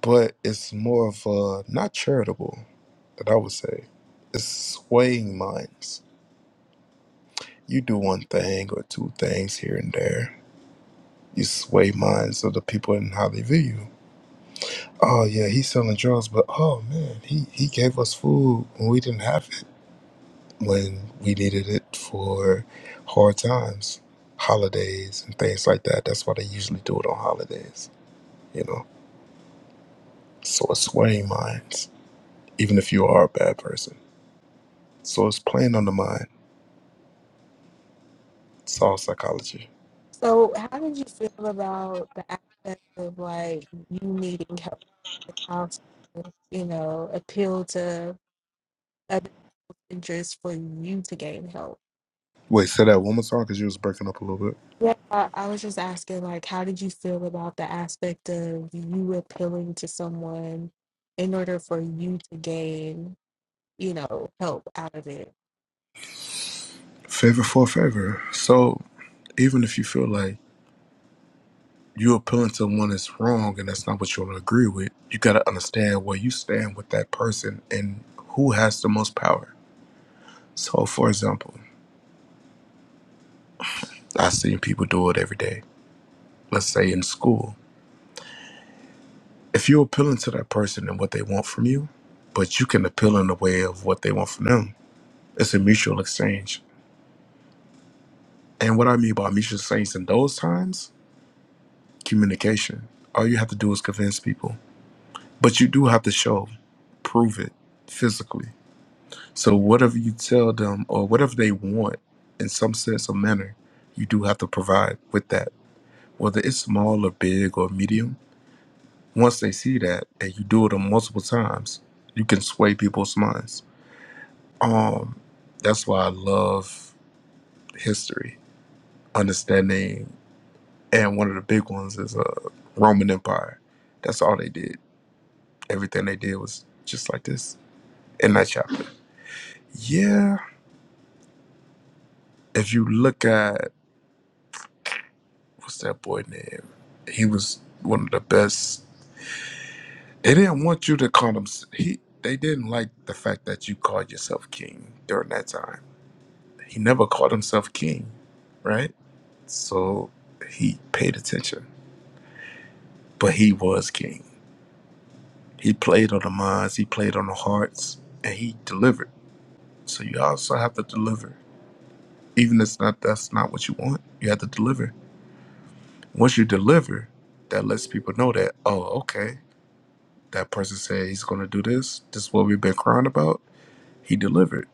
[SPEAKER 7] but it's more of a not charitable that I would say. It's swaying minds. You do one thing or two things here and there. You sway minds of the people and how they view you. Oh yeah, he's selling drugs, but oh man, he, he gave us food when we didn't have it. When we needed it for hard times, holidays and things like that. That's why they usually do it on holidays, you know. So it's swaying minds, even if you are a bad person. So it's playing on the mind Soul psychology.
[SPEAKER 1] so how did you feel about the aspect of like you needing help, how to, you know, appeal to? and just for you to gain help.
[SPEAKER 7] Wait, say that one more time because you was breaking up a little bit.
[SPEAKER 1] Yeah, I was just asking, like, how did you feel about the aspect of you appealing to someone in order for you to gain, you know, help out of it?
[SPEAKER 7] Favor for favor. So even if you feel like you're appealing to one that's wrong and that's not what you want to agree with, you got to understand where you stand with that person and who has the most power. So, for example, I've seen people do it every day. Let's say in school, if you're appealing to that person and what they want from you, but you can appeal in the way of what they want from them, it's a mutual exchange. And what I mean by mutual exchange in those times communication. All you have to do is convince people, but you do have to show, prove it physically. So whatever you tell them or whatever they want, in some sense or manner, you do have to provide with that, whether it's small or big or medium. Once they see that, and you do it multiple times, you can sway people's minds. Um, that's why I love history, understanding, and one of the big ones is uh Roman Empire. That's all they did everything they did was just like this in that chapter. Yeah, if you look at what's that boy name? He was one of the best. They didn't want you to call him. He they didn't like the fact that you called yourself king during that time. He never called himself king, right? So he paid attention, but he was king. He played on the minds, he played on the hearts, and he delivered. So you also have to deliver, even if it's not that's not what you want. You have to deliver Once you deliver, that lets people know that, oh, okay, that person said he's going to do this. This is what we've been crying about. He delivered.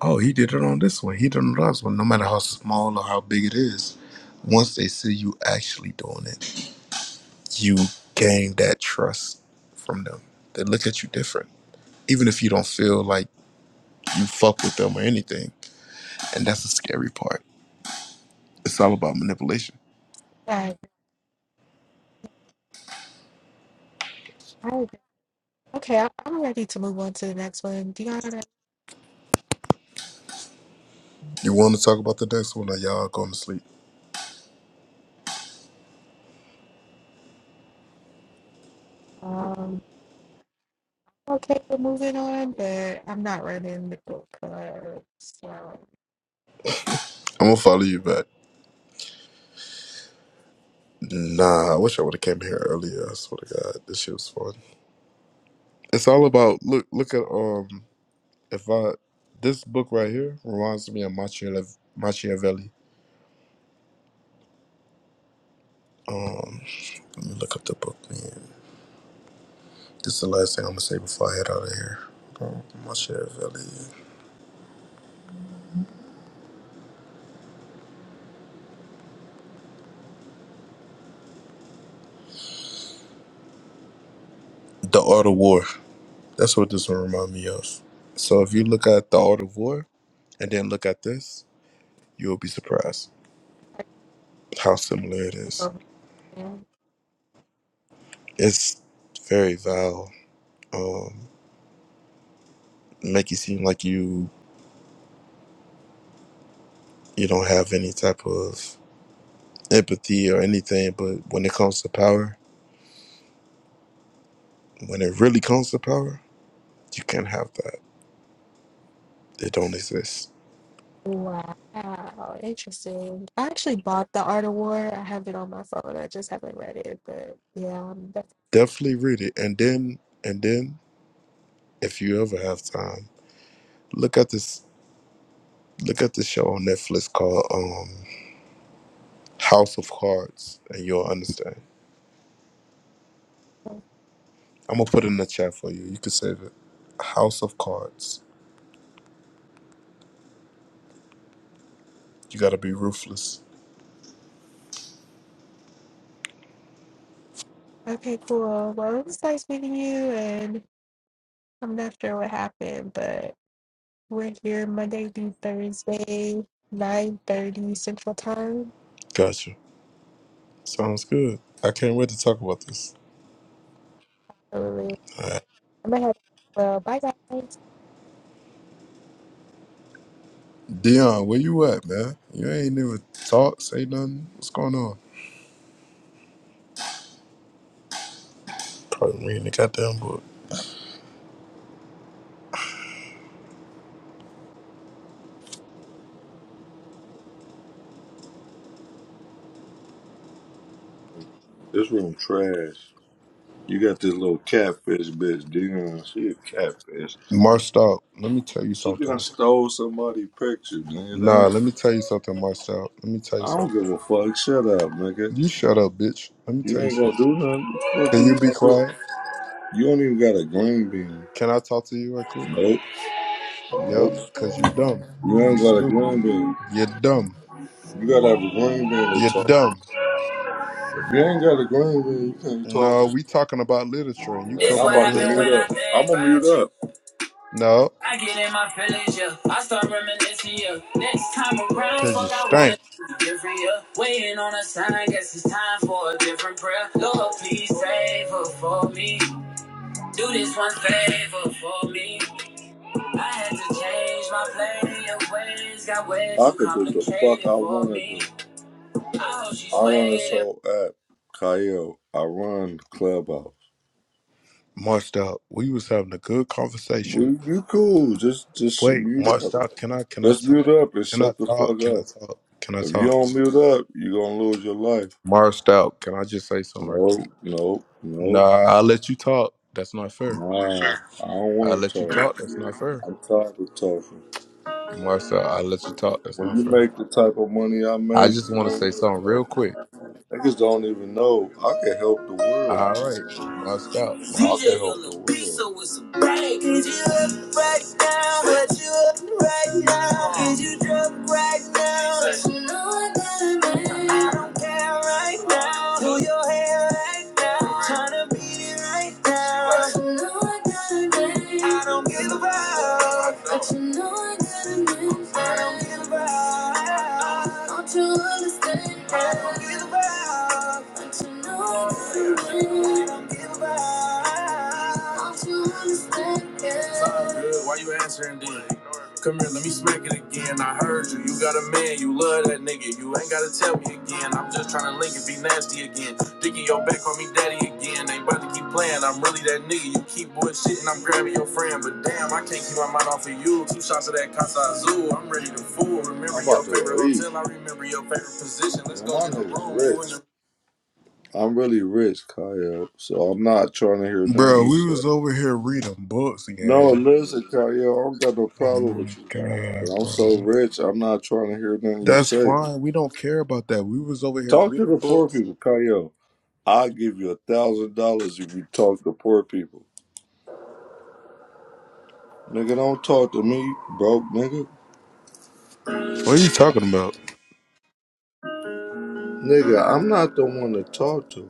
[SPEAKER 7] Oh, he did it on this one. He did it on this one. No matter how small or how big it is, once they see you actually doing it, you gain that trust from them. They look at you different, even if you don't feel like you fuck with them or anything. And that's the scary part. It's all about manipulation.
[SPEAKER 1] Right. I- Okay, I- I'm ready to move on to the next one. Deanna,
[SPEAKER 7] You want to talk about the next one, or y'all going to sleep?
[SPEAKER 1] um, okay, we're moving on, but I'm not running the book club, so
[SPEAKER 7] I'm gonna follow you back. Nah, I wish I would have came here earlier. I swear to God, this shit was fun. It's all about look, look at um, if I this book right here reminds me of Machiavelli. Machiavelli. Um, let me look up the book. Man. This is the last thing I'm gonna say before I head out of here. Um, Machiavelli, The Art of War. That's what this one remind me of. So if you look at The Art of War and then look at this, you will be surprised
[SPEAKER 1] I can
[SPEAKER 7] how similar it is.
[SPEAKER 1] go ahead.
[SPEAKER 7] It's very vile. Um, make you seem like you you don't have any type of empathy or anything but when it comes to power when it really comes to power you can't have that it don't exist
[SPEAKER 1] Wow, interesting. I actually bought The Art of War. I have it on my phone. I just haven't read it, but yeah, I'm definitely.
[SPEAKER 7] definitely read it and then and then if you ever have time look at this look at this show on netflix called um house of cards and you'll understand i'm gonna put it in the chat for you you can save it house of cards you gotta be ruthless
[SPEAKER 1] Okay, cool. Well, it was nice meeting you, and I'm not sure what happened, but we're here Monday through Thursday, 9:30 Central Time.
[SPEAKER 7] gotcha sounds good i can't wait to talk about this
[SPEAKER 1] So, I'm gonna ahead. Well, bye guys.
[SPEAKER 7] Dion, where you at, man? You ain't even talk, say nothing. What's going on? Probably reading the goddamn book.
[SPEAKER 9] This room trash. You got this little catfish bitch, Dion. She a catfish.
[SPEAKER 7] Marcel, let me tell you
[SPEAKER 9] She done
[SPEAKER 7] something.
[SPEAKER 9] stole somebody's picture, nigga.
[SPEAKER 7] Nah,
[SPEAKER 9] That ain't,
[SPEAKER 7] let me tell you something, Marcel. Let me tell you
[SPEAKER 9] I don't
[SPEAKER 7] something.
[SPEAKER 9] give a fuck. Shut up, nigga.
[SPEAKER 7] You shut up, bitch. Let me
[SPEAKER 9] You
[SPEAKER 7] tell you
[SPEAKER 9] ain't gonna
[SPEAKER 7] something.
[SPEAKER 9] do nothing. What the fuck
[SPEAKER 7] Can you be
[SPEAKER 9] you gonna do?
[SPEAKER 7] quiet?
[SPEAKER 9] You don't even got a green bean.
[SPEAKER 7] Can I talk to you right quick?
[SPEAKER 9] Nope.
[SPEAKER 7] Yep,
[SPEAKER 9] Nope.
[SPEAKER 7] cause you dumb.
[SPEAKER 9] You
[SPEAKER 7] You
[SPEAKER 9] ain't got a
[SPEAKER 7] stupid.
[SPEAKER 9] green bean.
[SPEAKER 7] You're dumb.
[SPEAKER 9] You gotta have a green bean to
[SPEAKER 7] You're
[SPEAKER 9] talk. to.
[SPEAKER 7] dumb.
[SPEAKER 9] If you ain't got a green bean, you can't talk.
[SPEAKER 7] No,
[SPEAKER 9] to.
[SPEAKER 7] we talking about literature and
[SPEAKER 9] Man,
[SPEAKER 7] you
[SPEAKER 9] I'm
[SPEAKER 7] coming over
[SPEAKER 9] about
[SPEAKER 7] here
[SPEAKER 9] to mute
[SPEAKER 7] after.
[SPEAKER 9] up. I'm gonna mute up.
[SPEAKER 7] No,
[SPEAKER 9] I get in my feelings, yeah. I start reminiscing, yeah. Next time around,
[SPEAKER 7] cause you
[SPEAKER 9] fuck, I wanna
[SPEAKER 7] stank.
[SPEAKER 9] do different, yeah. Waiting on a sign, guess it's time for a different prayer. Lord, please save her for me. Do this one favor for me. I had to change my play of ways, got ways I could do the fuck I wanna do. I hope she's I run this whole app, Kyle. I run Clubhouse.
[SPEAKER 7] Marcel, we was having a good
[SPEAKER 9] We,
[SPEAKER 7] conversation.
[SPEAKER 9] you cool? Just, just
[SPEAKER 7] Wait,
[SPEAKER 9] mute up.
[SPEAKER 7] Marched out. Can I? Can I
[SPEAKER 9] Let's mute
[SPEAKER 7] talk?
[SPEAKER 9] up and
[SPEAKER 7] Can I
[SPEAKER 9] shut the
[SPEAKER 7] talk?
[SPEAKER 9] fuck
[SPEAKER 7] Can I
[SPEAKER 9] up.
[SPEAKER 7] talk? Can I
[SPEAKER 9] If you
[SPEAKER 7] talk?
[SPEAKER 9] don't mute up, you're gonna lose your life.
[SPEAKER 7] Marched out. Can I just say something real quick?
[SPEAKER 9] No, no,
[SPEAKER 7] Nah,
[SPEAKER 9] no,
[SPEAKER 7] I let you talk. That's not fair.
[SPEAKER 9] nah. I don't
[SPEAKER 7] I
[SPEAKER 9] want
[SPEAKER 7] let you
[SPEAKER 9] to
[SPEAKER 7] talk.
[SPEAKER 9] talk.
[SPEAKER 7] That's not fair.
[SPEAKER 9] I'm tired of talking.
[SPEAKER 7] Marched out. I let you talk. That's
[SPEAKER 9] When
[SPEAKER 7] not
[SPEAKER 9] you
[SPEAKER 7] fair.
[SPEAKER 9] make the type of money I
[SPEAKER 7] I
[SPEAKER 9] make,
[SPEAKER 7] just
[SPEAKER 9] you
[SPEAKER 7] want to
[SPEAKER 9] don't
[SPEAKER 7] say
[SPEAKER 9] want to
[SPEAKER 7] something
[SPEAKER 9] talk.
[SPEAKER 7] real quick.
[SPEAKER 9] Niggas don't even know I can help the
[SPEAKER 7] All
[SPEAKER 9] world.
[SPEAKER 7] right, marched out. Marched
[SPEAKER 9] DJ
[SPEAKER 7] out.
[SPEAKER 9] on the beat, so it's a bang. Is you up right now? What you up right now? Is you drunk right now? But you know what that I got a man. I don't care right now. Do your hair right now. Tryna beat it right now. But you know what that I got a man. I don't give a fuck. But you know what that I got a man. I don't give a fuck. Don't you understand? I don't give a fuck. But you know what that I got a man. I don't give a fuck. Don't you understand? It's all good. Why you answering then? Come here, let me smack it again. I heard you. You got a man. You love that nigga. You ain't gotta tell me again. I'm just tryna link it, be nasty again. Dick in your back, call me daddy again. Ain't about to keep playing. I'm really that nigga. You keep bullshitting. I'm grabbing your friend, but damn, I can't keep my mind off of you. Two shots of that Casa Azul. I'm ready to fool. Remember your favorite leave. hotel. I remember your favorite position. Let's go my the a room. I'm really rich, Kyle. So I'm not trying to hear nothing
[SPEAKER 7] Bro,
[SPEAKER 9] you
[SPEAKER 7] we
[SPEAKER 9] say.
[SPEAKER 7] was over here reading books,
[SPEAKER 9] No,
[SPEAKER 7] gang.
[SPEAKER 9] listen, Kyle, I don't got no
[SPEAKER 7] Oh
[SPEAKER 9] problem
[SPEAKER 7] my
[SPEAKER 9] with you.
[SPEAKER 7] god,
[SPEAKER 9] But I'm
[SPEAKER 7] bro.
[SPEAKER 9] so rich, I'm not trying to hear nothing you
[SPEAKER 7] That's
[SPEAKER 9] say.
[SPEAKER 7] fine. We don't care about that. We was over here
[SPEAKER 9] Talk to
[SPEAKER 7] reading
[SPEAKER 9] the poor
[SPEAKER 7] books.
[SPEAKER 9] people, Kyle. I'll give you a thousand dollars if you talk to poor people. Nigga, don't talk to me, broke nigga.
[SPEAKER 7] What are you talking about?
[SPEAKER 9] Nigga, I'm not the one to talk to.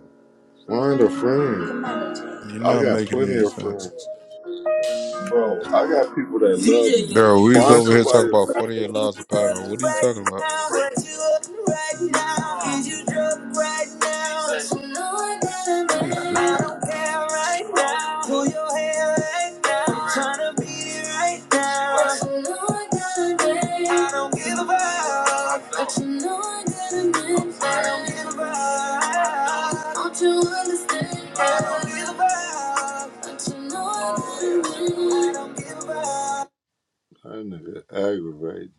[SPEAKER 9] Find a friend.
[SPEAKER 7] You're
[SPEAKER 9] I
[SPEAKER 7] not
[SPEAKER 9] got
[SPEAKER 7] making
[SPEAKER 9] plenty
[SPEAKER 7] any
[SPEAKER 9] of friends.
[SPEAKER 7] sense.
[SPEAKER 9] Bro, I got people that
[SPEAKER 7] Bro,
[SPEAKER 9] love me.
[SPEAKER 7] we was
[SPEAKER 9] Find
[SPEAKER 7] over here talking
[SPEAKER 9] somebody
[SPEAKER 7] about 48 laws of power. What are you talking about? You're stupid.
[SPEAKER 9] that But you know I gotta admit that. Don't you understand that? But you know I gotta admit that. That nigga aggravating.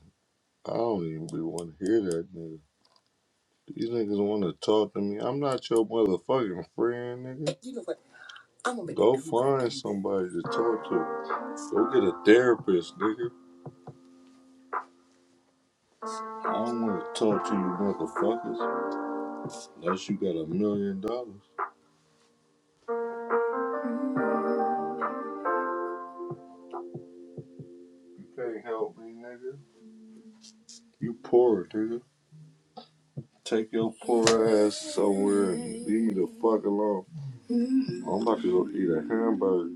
[SPEAKER 9] I don't even be want to hear that nigga. These niggas want to talk to me. I'm not your motherfucking friend, nigga. You know what? I'm gonna make Go you- find somebody to talk to. Go get a therapist, nigga. I don't want to talk to you motherfuckers unless you got a million dollars. You can't help me, nigga. You poor, nigga. Take your poor ass somewhere and leave me the fuck alone. I'm about to go eat a hamburger.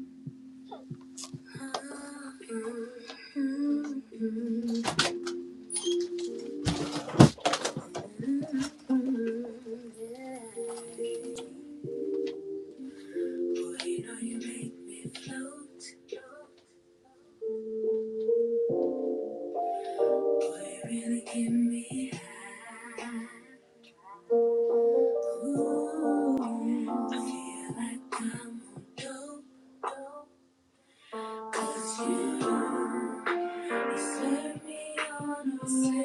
[SPEAKER 9] Serve me on a regular,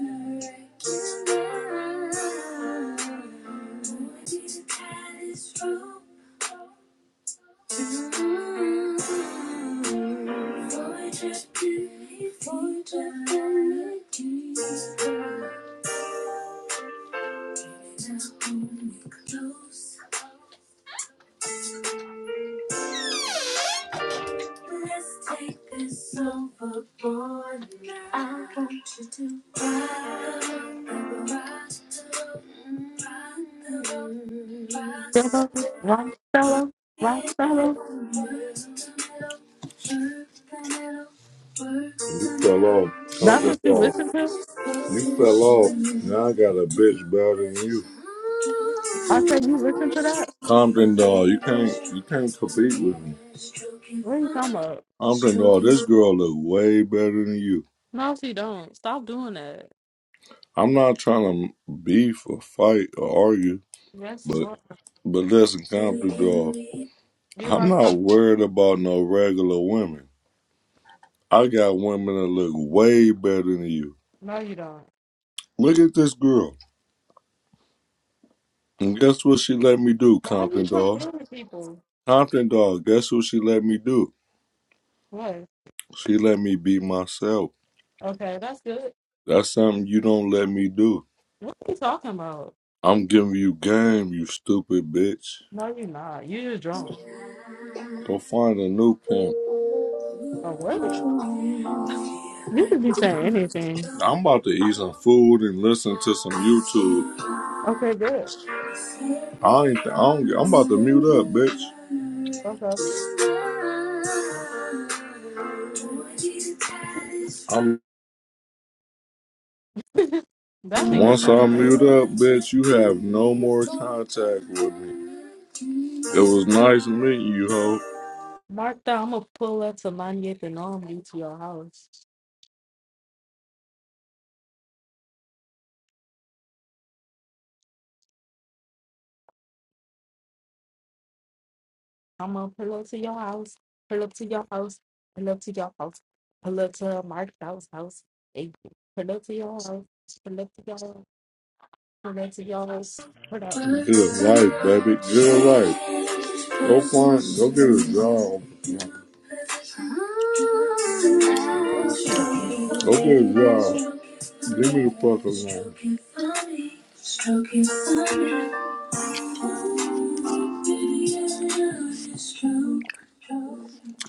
[SPEAKER 9] regular. Lord, you to tie this rope. Void ability, void ability. Now hold me close. Let's take this overboard. I want you to ride the rock the ride
[SPEAKER 10] Fellow,
[SPEAKER 9] the rock the
[SPEAKER 10] rock fellow, rock fellow.
[SPEAKER 9] middle, work the middle, work the middle, work You the fell off. Conference
[SPEAKER 10] That's what
[SPEAKER 9] middle.
[SPEAKER 10] you listen to?
[SPEAKER 9] You fell off. Now I got a bitch better than you.
[SPEAKER 10] I said you listen to that?
[SPEAKER 9] Compton dog, you can't you can't compete with me.
[SPEAKER 10] What are you talking about?
[SPEAKER 9] Compton dog, this girl look way better than you.
[SPEAKER 10] No, she don't. Stop doing that.
[SPEAKER 9] I'm not trying to beef or fight or argue,
[SPEAKER 10] Yes, you
[SPEAKER 9] but
[SPEAKER 10] are.
[SPEAKER 9] but listen, Compton dog,
[SPEAKER 10] You
[SPEAKER 9] I'm
[SPEAKER 10] are.
[SPEAKER 9] not
[SPEAKER 10] talk-
[SPEAKER 9] worried about no regular women. I got women that look way better than you.
[SPEAKER 10] No, you don't.
[SPEAKER 9] Look at this girl. And guess what she let me do,
[SPEAKER 10] Why
[SPEAKER 9] Compton
[SPEAKER 10] you
[SPEAKER 9] dog?
[SPEAKER 10] comparing people?
[SPEAKER 9] Compton dog, guess what she let me do?
[SPEAKER 10] What?
[SPEAKER 9] She let me be myself.
[SPEAKER 10] Okay, that's good.
[SPEAKER 9] That's something you don't let me do.
[SPEAKER 10] What are you talking about?
[SPEAKER 9] I'm giving you game, you stupid bitch.
[SPEAKER 10] No, you're not. you just drunk.
[SPEAKER 9] Go find a new pimp.
[SPEAKER 10] Oh, what? You could be saying anything.
[SPEAKER 9] I'm about to eat some food and listen to some YouTube.
[SPEAKER 10] Okay, good.
[SPEAKER 9] I ain't. Th- I don't. get- I'm about to mute up, bitch.
[SPEAKER 10] Okay.
[SPEAKER 9] I'm.
[SPEAKER 10] *laughs* that nigga
[SPEAKER 9] Once I
[SPEAKER 10] sound
[SPEAKER 9] mute
[SPEAKER 10] crazy.
[SPEAKER 9] up, bitch, you have no more contact with me. It was nice meeting you, ho.
[SPEAKER 10] Martha, I'm gonna pull up to 98th and all meet to your house. I'm gonna pull up to your house, pull up to your house, pull up to your house, pull up to Mark's house, house, hey, pull up to your house, pull up to your house, pull up to your house, pull up.
[SPEAKER 9] Good life, baby. Good life. Go find, go get a job.
[SPEAKER 10] What is it? You
[SPEAKER 9] Go get a job. Leave me the fuck alone.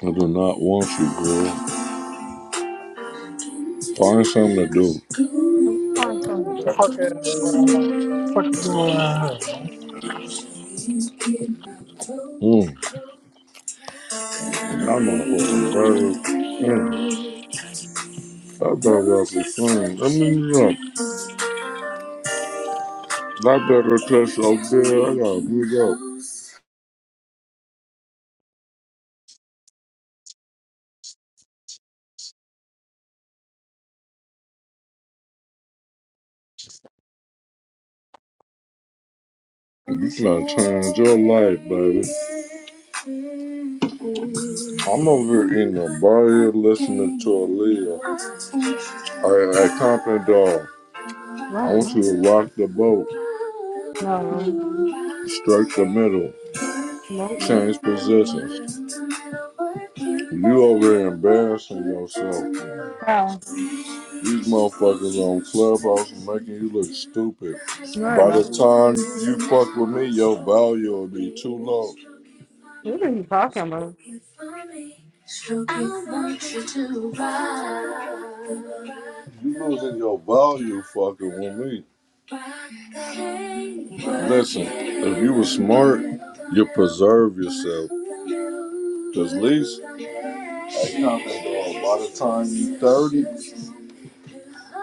[SPEAKER 9] I do not want you, girl. Find something to do.
[SPEAKER 10] don't Far from the
[SPEAKER 6] Fuck ass grandma. What the fuck you doing around here?
[SPEAKER 9] Mm. Y'all motherfucking bird. Mm. That dog got to clean. Let me know. That better touch so good. I gotta beat up. You trying to change your life, baby. I'm over here eating a bar here listening to Aaliyah. I, I comping dog. I
[SPEAKER 10] No,
[SPEAKER 9] want you to rock the boat,
[SPEAKER 10] no,
[SPEAKER 9] strike the middle,
[SPEAKER 10] no,
[SPEAKER 9] change positions. You over here embarrassing yourself. These motherfuckers on Clubhouse are making you look stupid.
[SPEAKER 10] no,
[SPEAKER 9] By the
[SPEAKER 10] no.
[SPEAKER 9] time you fuck with me, your value will be too low.
[SPEAKER 10] What are you talking about?
[SPEAKER 9] I want you to ride. You losing your value fucking with me. Listen, if you were smart, you preserve yourself. Cause least, like, you know, I think, oh, by the time you 30,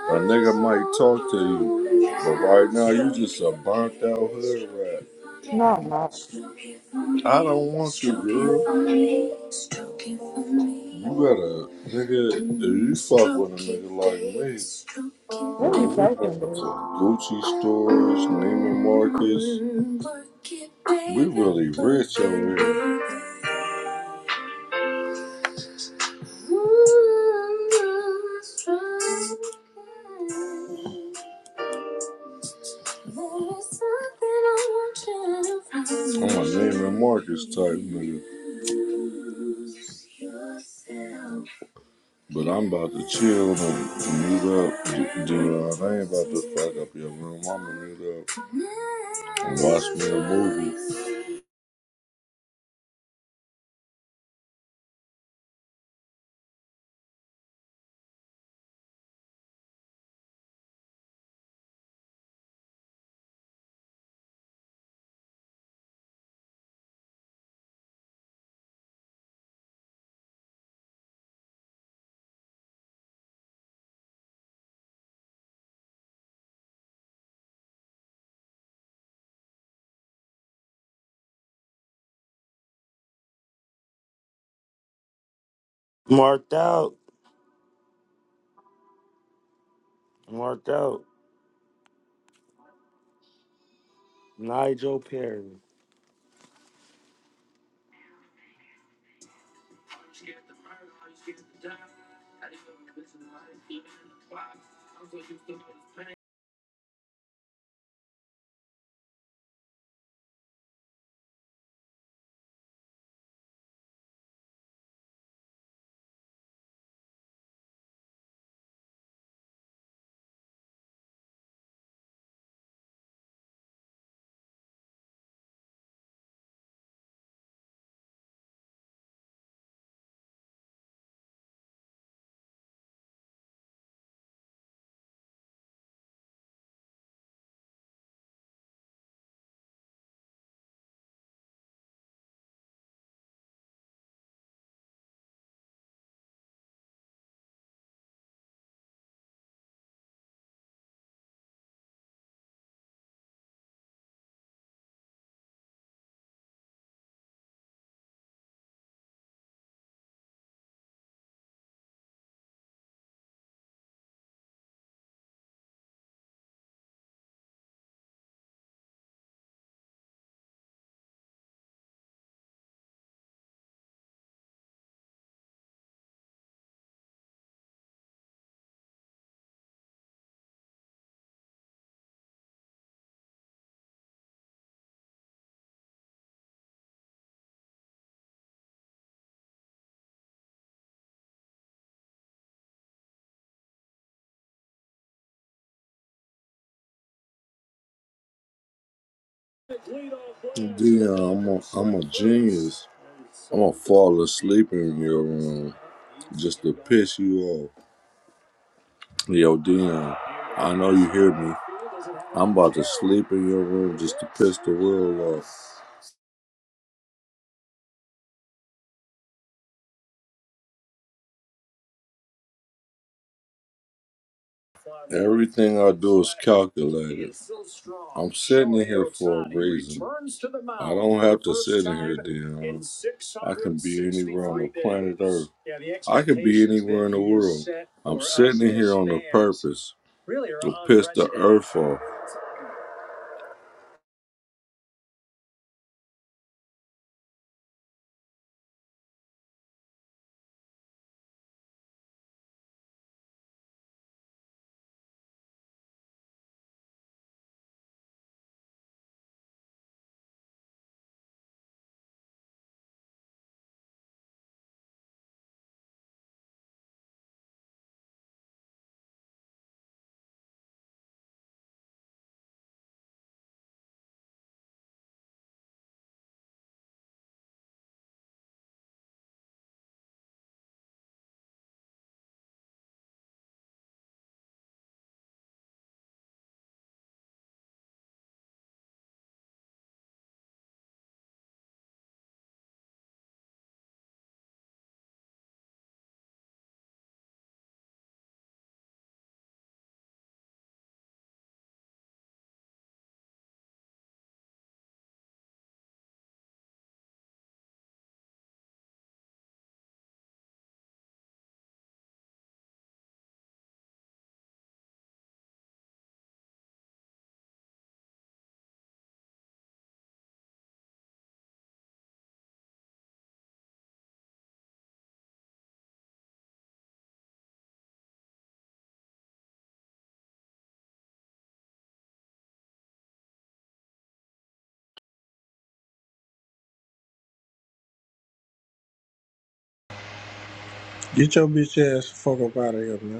[SPEAKER 9] a nigga might talk to you, but right now you just a burnt out hood rat.
[SPEAKER 10] No, no.
[SPEAKER 9] I don't want you, girl. You gotta, nigga, if you fuck with a nigga like me,
[SPEAKER 10] What are you
[SPEAKER 9] nigga, we going
[SPEAKER 10] talking
[SPEAKER 9] to
[SPEAKER 10] about?
[SPEAKER 9] Gucci stores, Neiman Marcus. We really rich over here. Oh, my David Marcus type nigga. But I'm about to chill and mute up. D- Dude, I ain't about to fuck up your room. I'ma mute up and watch me a movie.
[SPEAKER 11] Marked out. Marked out. Nigel Perry.
[SPEAKER 9] Dion, I'm a, I'm a genius. I'm gonna fall asleep in your room. just to piss you off. Yo, Dion, I know you hear me. I'm about to sleep in your room just to piss the world off. Everything I do is calculated. I'm sitting in here for a reason. I don't have to sit in here, Dion. I can be anywhere on the planet Earth. I could be anywhere in the world. I'm sitting in here on a purpose to piss the earth off.
[SPEAKER 6] Get your bitch ass the fuck up out of here, man.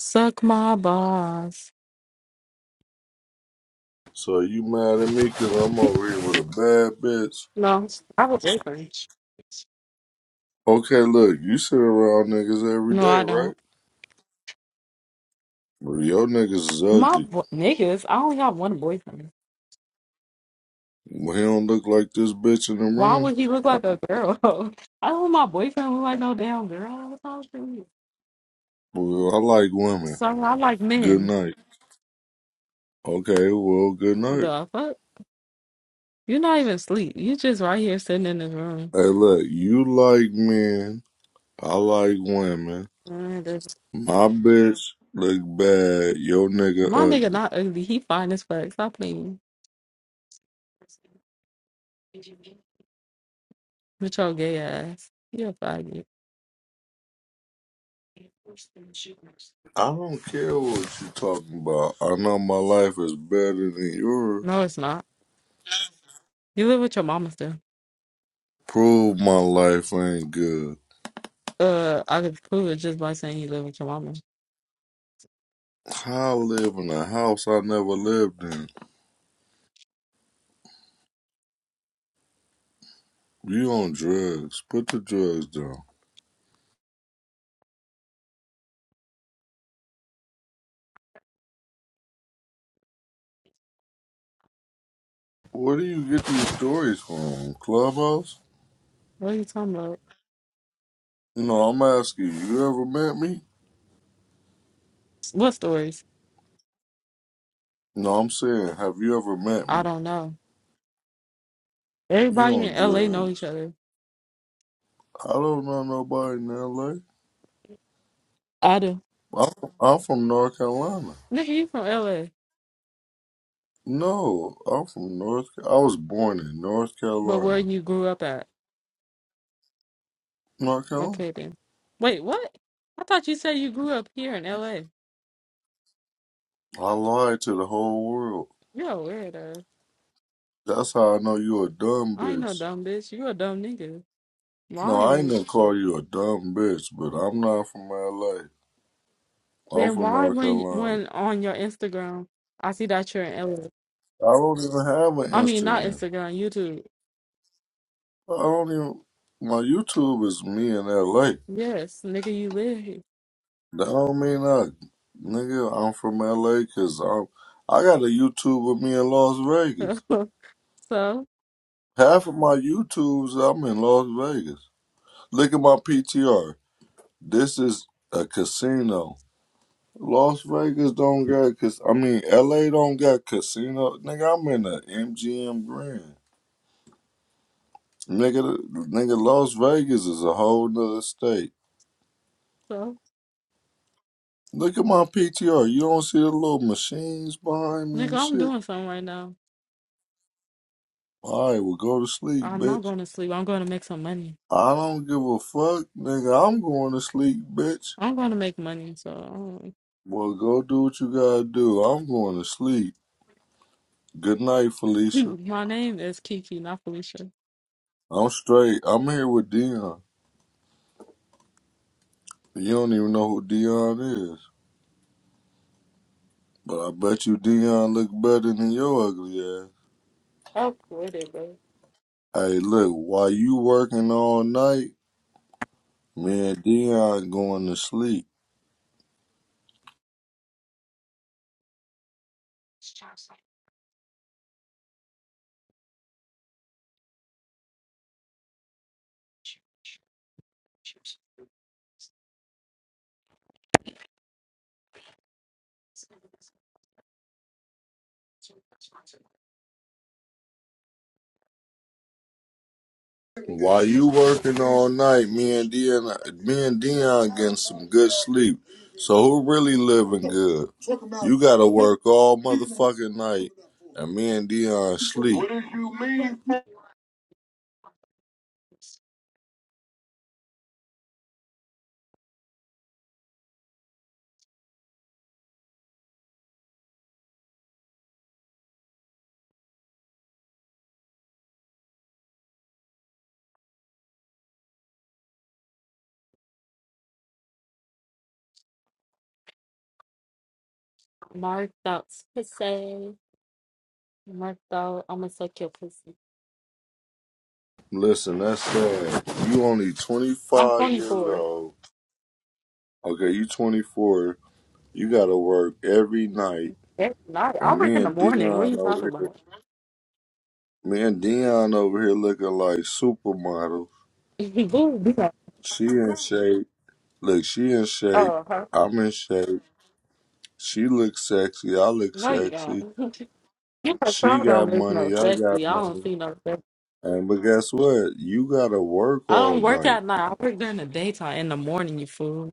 [SPEAKER 10] Suck my balls.
[SPEAKER 9] So you mad at me because I'm over here with a bad bitch?
[SPEAKER 10] No, I have a boyfriend.
[SPEAKER 9] Okay, look, you sit around niggas every
[SPEAKER 10] No,
[SPEAKER 9] day,
[SPEAKER 10] I
[SPEAKER 9] right?
[SPEAKER 10] don't.
[SPEAKER 9] Well, your niggas is
[SPEAKER 10] My
[SPEAKER 9] ugly.
[SPEAKER 10] bo- niggas, I only got one boyfriend.
[SPEAKER 9] Well, he don't look like this bitch in the
[SPEAKER 10] Why
[SPEAKER 9] room.
[SPEAKER 10] would he look like a girl? *laughs* I don't want my boyfriend look like no damn girl. What the fuck you-
[SPEAKER 9] Well, I like women.
[SPEAKER 10] So I like
[SPEAKER 9] Good
[SPEAKER 10] men.
[SPEAKER 9] night. Okay, well, good night.
[SPEAKER 10] The fuck? You're not even asleep. You just right here sitting in this room.
[SPEAKER 9] Hey, look, you like men. I like women.
[SPEAKER 10] Mm, this-
[SPEAKER 9] My bitch look bad. Your nigga
[SPEAKER 10] My nigga
[SPEAKER 9] ugly.
[SPEAKER 10] not ugly. He fine as fuck. Stop playing. With your gay ass. You're a faggot.
[SPEAKER 9] I don't care what you talking about. I know my life is better than yours.
[SPEAKER 10] No, it's not. You live with your mama still.
[SPEAKER 9] Prove my life ain't good.
[SPEAKER 10] Uh, I could prove it just by saying you live with your mama.
[SPEAKER 9] How I live in a house I never lived in. You on drugs. Put the drugs down. Where do you get these stories from? Clubhouse?
[SPEAKER 10] What are you talking about?
[SPEAKER 9] No, I'm asking, you ever met me?
[SPEAKER 10] What stories?
[SPEAKER 9] No, I'm saying, have you ever met
[SPEAKER 10] I
[SPEAKER 9] me?
[SPEAKER 10] don't know.
[SPEAKER 9] You
[SPEAKER 10] Everybody
[SPEAKER 9] on
[SPEAKER 10] in LA know each
[SPEAKER 9] drugs.
[SPEAKER 10] other.
[SPEAKER 9] I don't know nobody in LA.
[SPEAKER 10] I do.
[SPEAKER 9] I'm, I'm from North Carolina.
[SPEAKER 10] Nigga, you from LA.
[SPEAKER 9] No, I'm from North I was born in North
[SPEAKER 10] But where
[SPEAKER 9] Carolina.
[SPEAKER 10] you grew up at?
[SPEAKER 9] North Carolina.
[SPEAKER 10] Okay then. Wait, what? I thought you said you grew up here in LA.
[SPEAKER 9] I lied to the whole world.
[SPEAKER 10] You're a weirdo.
[SPEAKER 9] That's how I know you a dumb
[SPEAKER 10] I ain't no
[SPEAKER 9] bitch.
[SPEAKER 10] dumb bitch. You a dumb nigga.
[SPEAKER 9] No,
[SPEAKER 10] Why?
[SPEAKER 9] I ain't
[SPEAKER 10] ain't
[SPEAKER 9] gonna
[SPEAKER 10] you-
[SPEAKER 9] call you a dumb bitch, but I'm not from LA. I'm
[SPEAKER 10] Then
[SPEAKER 9] from
[SPEAKER 10] why
[SPEAKER 9] North
[SPEAKER 10] when
[SPEAKER 9] Carolina.
[SPEAKER 10] when on your Instagram I see that you're in LA?
[SPEAKER 9] I don't even have an
[SPEAKER 10] I mean not
[SPEAKER 9] Instagram.
[SPEAKER 10] Instagram, YouTube.
[SPEAKER 9] I don't even. My YouTube is me in LA.
[SPEAKER 10] Yes, nigga, you live here.
[SPEAKER 9] That don't mean I, nigga. I'm from LA because I'm. I got a YouTube of me in Las
[SPEAKER 10] *laughs*
[SPEAKER 9] Vegas.
[SPEAKER 10] so so
[SPEAKER 9] Half of my YouTubes, I'm in Las Vegas. Look at my PTR. This is a casino. Las Vegas don't got, cause I mean, LA don't got casino. Nigga, I'm in the MGM Grand. Nigga, nigga, Las Vegas is a whole nother state.
[SPEAKER 10] so
[SPEAKER 9] Look at my PTR. You don't see the little machines behind me
[SPEAKER 10] nigga,
[SPEAKER 9] and
[SPEAKER 10] I'm
[SPEAKER 9] shit?
[SPEAKER 10] doing something right now.
[SPEAKER 9] All right, well, go to sleep,
[SPEAKER 10] I'm not
[SPEAKER 9] bitch.
[SPEAKER 10] going to sleep. I'm going to make some money.
[SPEAKER 9] I don't give a fuck, nigga. I'm going to sleep, bitch.
[SPEAKER 10] I'm going to make money. So
[SPEAKER 9] Well, go do what you gotta do. I'm going to sleep. Good night,
[SPEAKER 10] *laughs*
[SPEAKER 9] Felicia.
[SPEAKER 10] My name is Kiki, not Felicia.
[SPEAKER 9] I'm straight. I'm here with Dion. You don't even know who Dion is, but I bet you Dion look better than your ugly ass.
[SPEAKER 10] Oh, quit bro.
[SPEAKER 9] Hey, look, while you working all night. Me and Dion going to sleep. While you working all night, me and Dion, me and Dion getting some good sleep. So who really living good? You gotta work all motherfucking night, and me and Dion sleep.
[SPEAKER 10] Marked out pussy. Marked out. I'm gonna suck your pussy.
[SPEAKER 9] Listen, that's sad. You only
[SPEAKER 10] I'm
[SPEAKER 9] 25 years
[SPEAKER 10] 24.
[SPEAKER 9] old. Okay, you 24. You gotta work every night,
[SPEAKER 10] That's not. I
[SPEAKER 9] and
[SPEAKER 10] work
[SPEAKER 9] me
[SPEAKER 10] in the
[SPEAKER 9] and
[SPEAKER 10] morning. What are
[SPEAKER 9] Dion
[SPEAKER 10] you talking
[SPEAKER 9] over here,
[SPEAKER 10] about?
[SPEAKER 9] me and Dion over here looking like supermodels.
[SPEAKER 10] *laughs* Boo, be like,
[SPEAKER 9] She in shape. Look, she in shape.
[SPEAKER 10] Oh, huh.
[SPEAKER 9] I'm in shape. She looks sexy. I look
[SPEAKER 10] No, you don't.
[SPEAKER 9] sexy.
[SPEAKER 10] *laughs* you know, so
[SPEAKER 9] She
[SPEAKER 10] I don't
[SPEAKER 9] got
[SPEAKER 10] work
[SPEAKER 9] money.
[SPEAKER 10] no
[SPEAKER 9] I
[SPEAKER 10] sexy.
[SPEAKER 9] got
[SPEAKER 10] I don't
[SPEAKER 9] money.
[SPEAKER 10] see no sexy.
[SPEAKER 9] And but guess what? You gotta work
[SPEAKER 10] I don't
[SPEAKER 9] all
[SPEAKER 10] work
[SPEAKER 9] night.
[SPEAKER 10] at night. I work during the daytime. In the morning, you fool.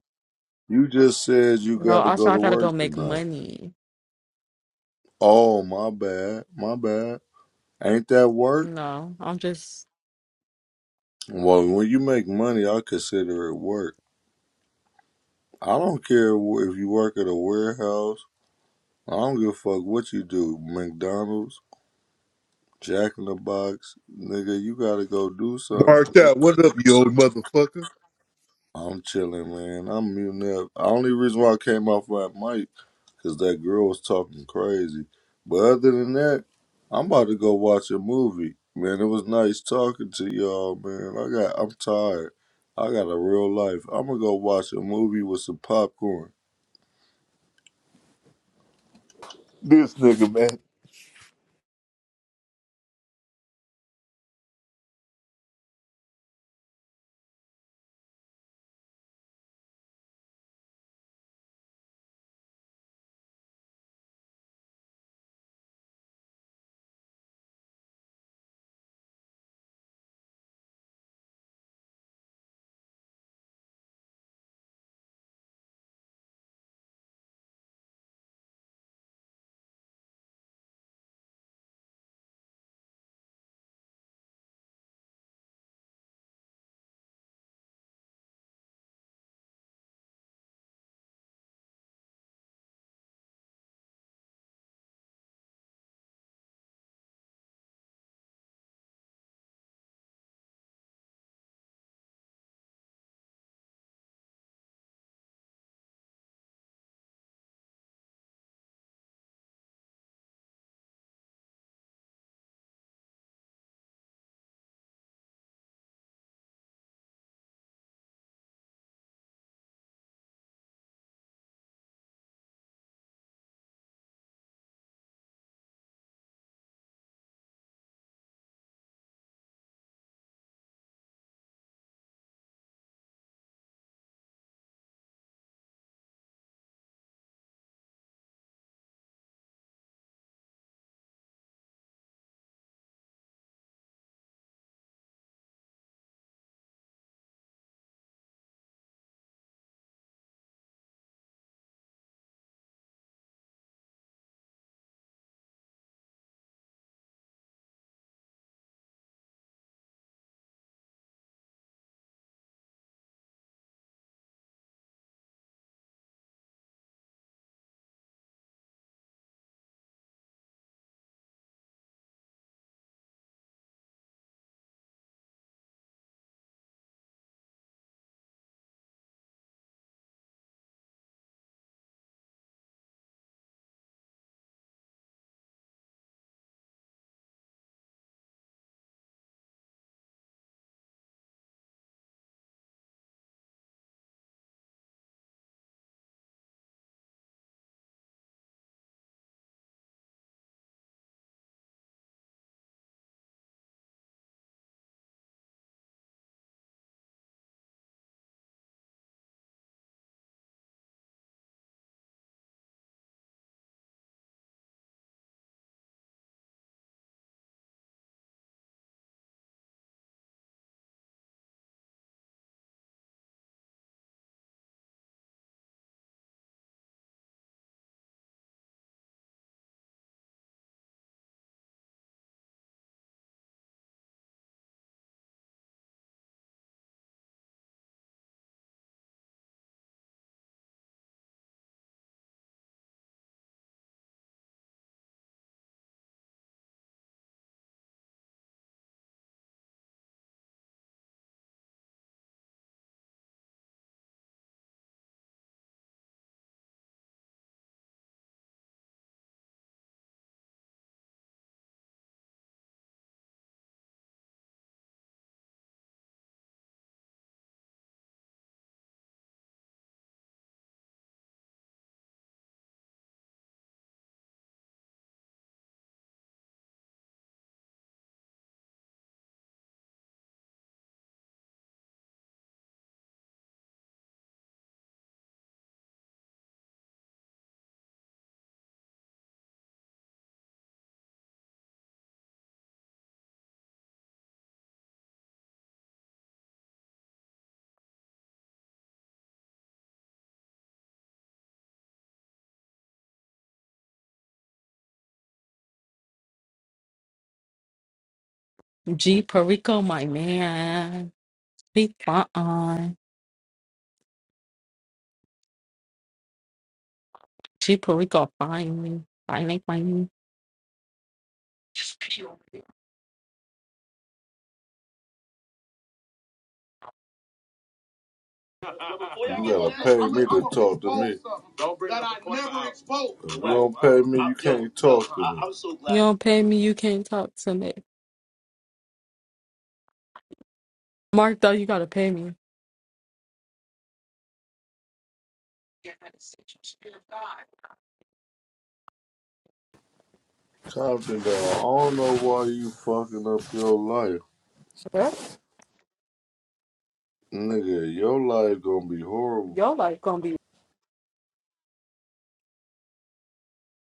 [SPEAKER 9] You just said you
[SPEAKER 10] No,
[SPEAKER 9] gotta go
[SPEAKER 10] also I
[SPEAKER 9] to
[SPEAKER 10] gotta go
[SPEAKER 9] work
[SPEAKER 10] make
[SPEAKER 9] tonight.
[SPEAKER 10] money.
[SPEAKER 9] Oh my bad. My bad. Ain't that work?
[SPEAKER 10] No, I'm just
[SPEAKER 9] Well, when you make money, I consider it work. I don't care wh- if you work at a warehouse. I don't give a fuck what you do. McDonald's, Jack in the Box, nigga. You gotta go do something.
[SPEAKER 12] Marked out. What up, you old motherfucker?
[SPEAKER 9] I'm chilling, man. I'm muting up. Only reason why I came off my mic because that girl was talking crazy. But other than that, I'm about to go watch a movie. Man, it was nice talking to y'all, man. I got, I'm tired. I got a real life. I'm gonna go watch a movie with some popcorn.
[SPEAKER 12] This nigga, man.
[SPEAKER 10] G Perico, my man. She fine. She probably gonna find me. Finally find me. You
[SPEAKER 9] You gotta pay me to talk to me. That I never exposed. If you don't pay me, you can't talk to me. I'm so glad.
[SPEAKER 10] don't pay me, you can't talk to me. Mark though, you gotta pay me.
[SPEAKER 9] Compton, dog, I don't know why you fucking up your life.
[SPEAKER 10] What?
[SPEAKER 9] Nigga, your life gonna be horrible.
[SPEAKER 10] Your life gonna be